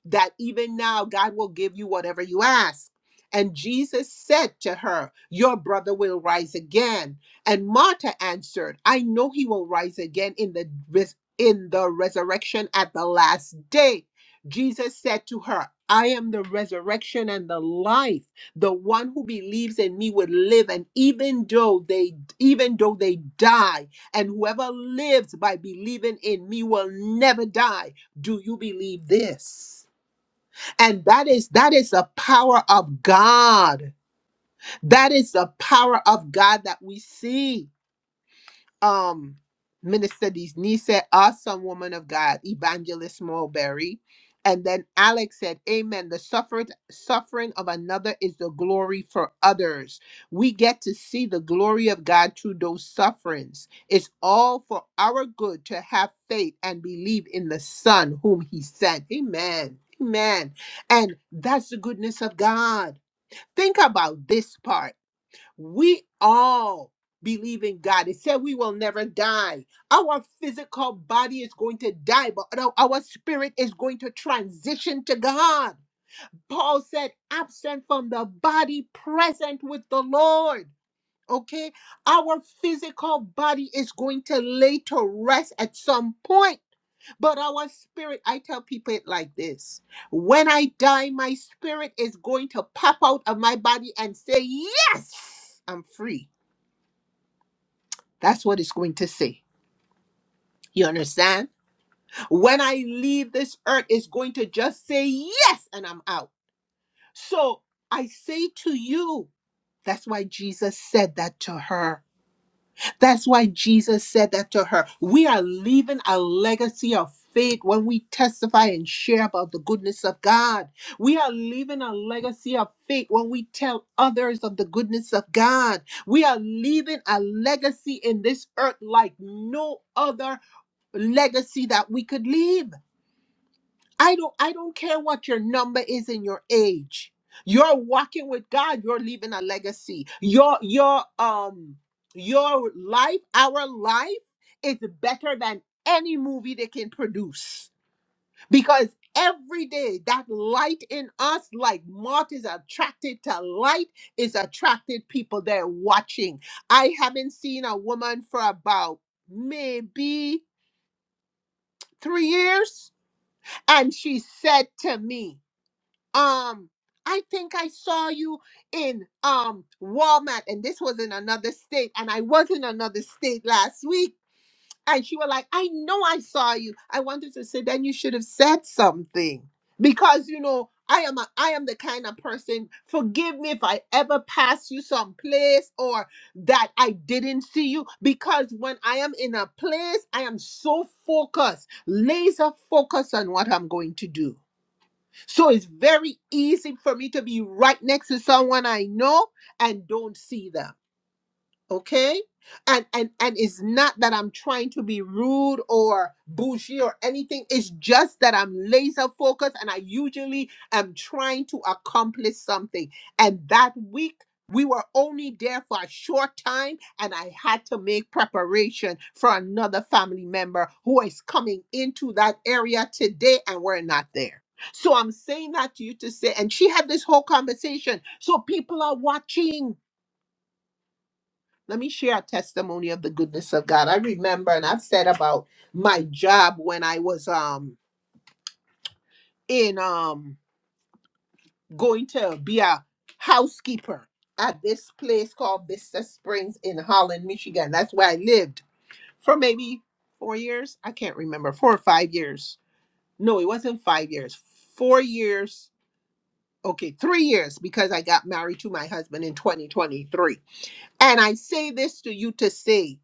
Speaker 1: that even now God will give you whatever you ask. And Jesus said to her, Your brother will rise again. And Martha answered, I know he will rise again in the res- in the resurrection at the last day. Jesus said to her, I am the resurrection and the life the one who believes in me would live and even though they even though they die and whoever lives by believing in me will never die do you believe this and that is that is the power of god that is the power of god that we see um Minister Denise awesome woman of God, Evangelist Mulberry. And then Alex said, Amen. The suffered, suffering of another is the glory for others. We get to see the glory of God through those sufferings. It's all for our good to have faith and believe in the Son whom He sent. Amen. Amen. And that's the goodness of God. Think about this part. We all believe in God. It said we will never die. Our physical body is going to die, but our our spirit is going to transition to God. Paul said, absent from the body, present with the Lord. Okay, our physical body is going to lay to rest at some point, but our spirit, I tell people it like this when I die, my spirit is going to pop out of my body and say, Yes, I'm free. That's what it's going to say. You understand? When I leave this earth, it's going to just say yes and I'm out. So I say to you, that's why Jesus said that to her. That's why Jesus said that to her. We are leaving a legacy of faith when we testify and share about the goodness of God. We are leaving a legacy of faith when we tell others of the goodness of God. We are leaving a legacy in this earth like no other legacy that we could leave. I don't I don't care what your number is in your age. You're walking with God, you're leaving a legacy. Your your um your life, our life is better than any movie they can produce because every day that light in us like moth is attracted to light is attracted people they're watching i haven't seen a woman for about maybe three years and she said to me, um, I think I saw you in um Walmart and this was in another state and I was in another state last week. And she was like, I know I saw you. I wanted to say then you should have said something. Because you know, I am a I am the kind of person, forgive me if I ever pass you someplace or that I didn't see you. Because when I am in a place, I am so focused, laser focused on what I'm going to do so it's very easy for me to be right next to someone I know and don't see them okay and and and it's not that i'm trying to be rude or bougie or anything it's just that i'm laser focused and i usually am trying to accomplish something and that week we were only there for a short time and i had to make preparation for another family member who is coming into that area today and we're not there so i'm saying that to you to say and she had this whole conversation so people are watching let me share a testimony of the goodness of God. I remember, and I've said about my job when I was um in um going to be a housekeeper at this place called Vista Springs in Holland, Michigan. That's where I lived for maybe four years. I can't remember four or five years. No, it wasn't five years. Four years. Okay, three years because I got married to my husband in 2023. And I say this to you to say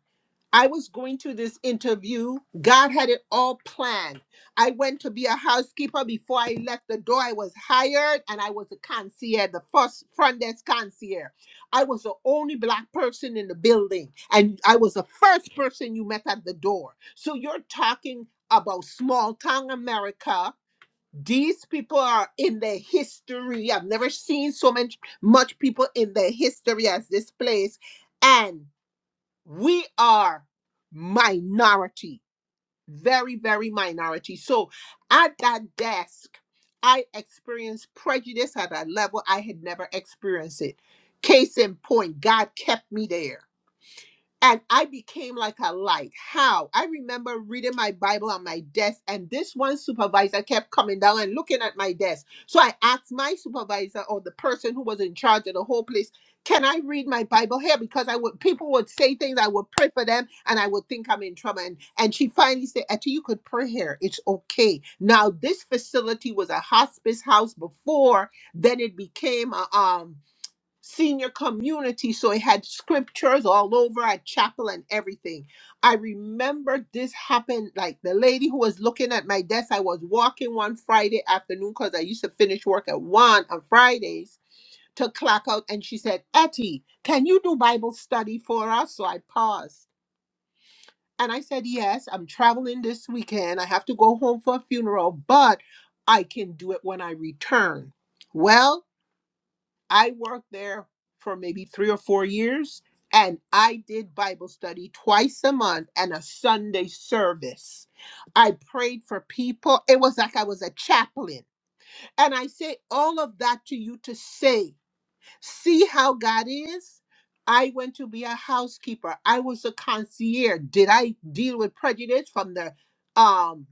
Speaker 1: I was going to this interview. God had it all planned. I went to be a housekeeper before I left the door. I was hired and I was a concierge, the first front desk concierge. I was the only black person in the building, and I was the first person you met at the door. So you're talking about small town America. These people are in their history. I've never seen so much much people in their history as this place. and we are minority very very minority so at that desk i experienced prejudice at a level i had never experienced it case in point god kept me there and I became like a light. How? I remember reading my Bible on my desk, and this one supervisor kept coming down and looking at my desk. So I asked my supervisor or the person who was in charge of the whole place, "Can I read my Bible here?" Because I would people would say things, I would pray for them, and I would think I'm in trouble. And and she finally said, "Etty, you could pray here. It's okay." Now this facility was a hospice house before. Then it became a um senior community. So it had scriptures all over, a chapel and everything. I remember this happened like the lady who was looking at my desk. I was walking one Friday afternoon because I used to finish work at one on Fridays to clock out. And she said, Etty, can you do Bible study for us? So I paused. And I said, Yes, I'm traveling this weekend. I have to go home for a funeral, but I can do it when I return. Well, I worked there for maybe three or four years, and I did Bible study twice a month and a Sunday service. I prayed for people. It was like I was a chaplain. And I say all of that to you to say, see how God is. I went to be a housekeeper. I was a concierge. Did I deal with prejudice from the um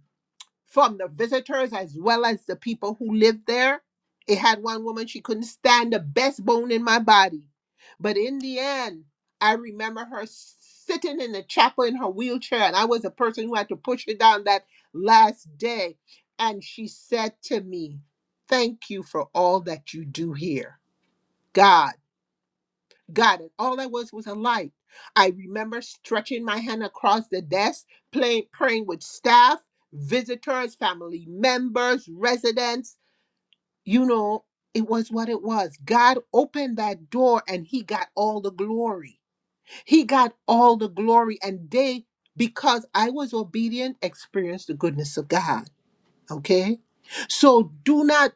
Speaker 1: from the visitors as well as the people who lived there. It had one woman, she couldn't stand the best bone in my body. But in the end, I remember her sitting in the chapel in her wheelchair, and I was the person who had to push her down that last day. And she said to me, Thank you for all that you do here. God. Got it. All I was was a light. I remember stretching my hand across the desk, playing, praying with staff, visitors, family members, residents. You know, it was what it was. God opened that door and He got all the glory. He got all the glory. And they, because I was obedient, experienced the goodness of God. Okay? So do not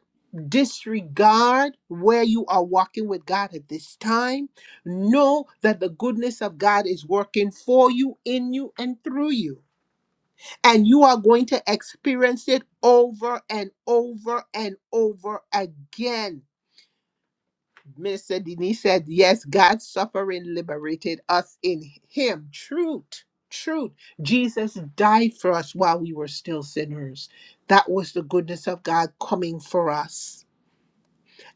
Speaker 1: disregard where you are walking with God at this time. Know that the goodness of God is working for you, in you, and through you. And you are going to experience it over and over and over again Minister Denise said, Yes, God's suffering liberated us in Him. Truth, truth. Jesus died for us while we were still sinners. That was the goodness of God coming for us.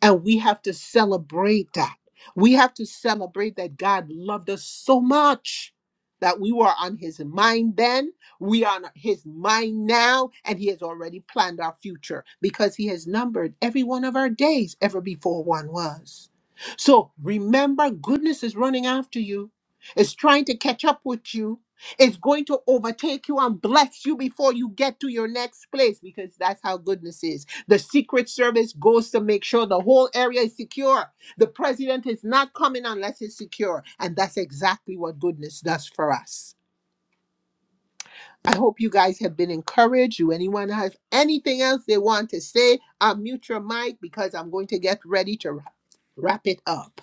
Speaker 1: And we have to celebrate that. We have to celebrate that God loved us so much that we were on his mind then, we are on his mind now, and he has already planned our future because he has numbered every one of our days ever before one was. So remember, goodness is running after you, it's trying to catch up with you. It's going to overtake you and bless you before you get to your next place because that's how goodness is. The Secret Service goes to make sure the whole area is secure. The president is not coming unless it's secure. And that's exactly what goodness does for us. I hope you guys have been encouraged. Do anyone have anything else they want to say? I'll mute your mic because I'm going to get ready to wrap, wrap it up.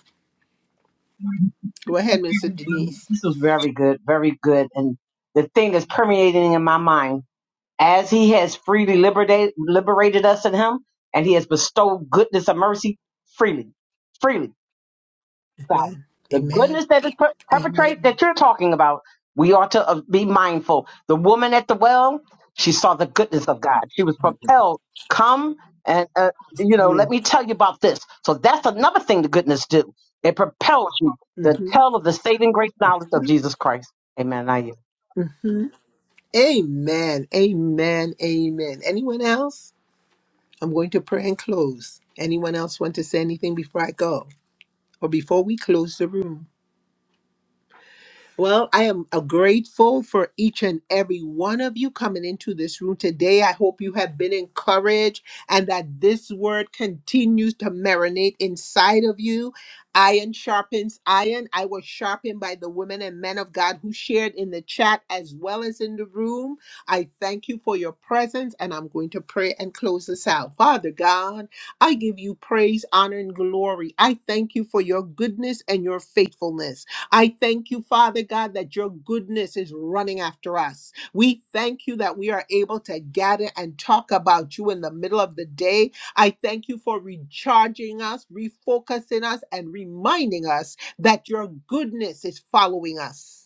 Speaker 1: Go ahead, Mr. Denise.
Speaker 2: This was very good, very good. And the thing that's permeating in my mind, as he has freely liberated, liberated us in him, and he has bestowed goodness and mercy freely, freely. God.
Speaker 1: Amen.
Speaker 2: The
Speaker 1: Amen.
Speaker 2: goodness that is per- perpetrate
Speaker 1: Amen.
Speaker 2: that you're talking about, we ought to uh, be mindful. The woman at the well, she saw the goodness of God. She was propelled. Come and uh, you know, let
Speaker 1: Mm.
Speaker 2: me tell you about this. So that's another thing the goodness do. It propels you to
Speaker 1: Mhm.
Speaker 2: tell of the saving grace knowledge of Jesus Christ. Amen.
Speaker 1: Mhm. Amen. Amen. Amen. Anyone else? I'm going to pray and close. Anyone else want to say anything before I go or before we close the room? Well, I am uh, grateful for each and every one of you coming into this room today. I hope you have been encouraged and that this word continues to marinate inside of you. Iron sharpens iron. I was sharpened by the women and men of God who shared in the chat as well as in the room. I thank you for your presence and I'm going to pray and close this out. Father God, I give you praise, honor, and glory. I thank you for your goodness and your faithfulness. I thank you, Father God, that your goodness is running after us. We thank you that we are able to gather and talk about you in the middle of the day. I thank you for recharging us, refocusing us, and reminding us that your goodness is following us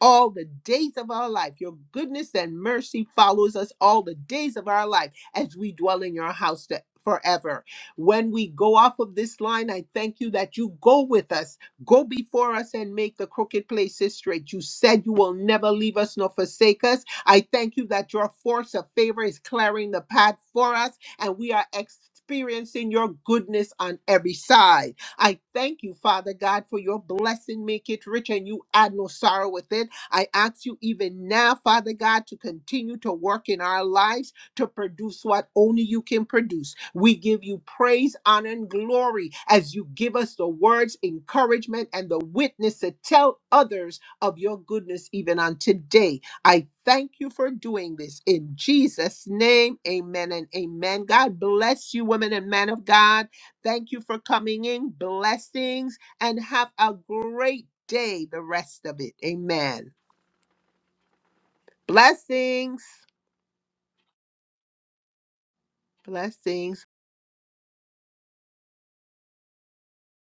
Speaker 1: all the days of our life. Your goodness and mercy follows us all the days of our life as we dwell in your house to- forever. When we go off of this line, I thank you that you go with us. Go before us and make the crooked places straight. You said you will never leave us nor forsake us. I thank you that your force of favor is clearing the path for us and we are experiencing your goodness on every side. I thank you, Father God, for your blessing. Make it rich and you add no sorrow with it. I ask you even now, Father God, to continue to work in our lives to produce what only you can produce. We give you praise, honor, and glory as you give us the words, encouragement, and the witness to tell others of your goodness even on today. I thank you for doing this in Jesus' name. Amen and amen. God bless you, women and men of God. Thank you for coming in. Blessings and have a great day the rest of it. Amen. Blessings. Blessings.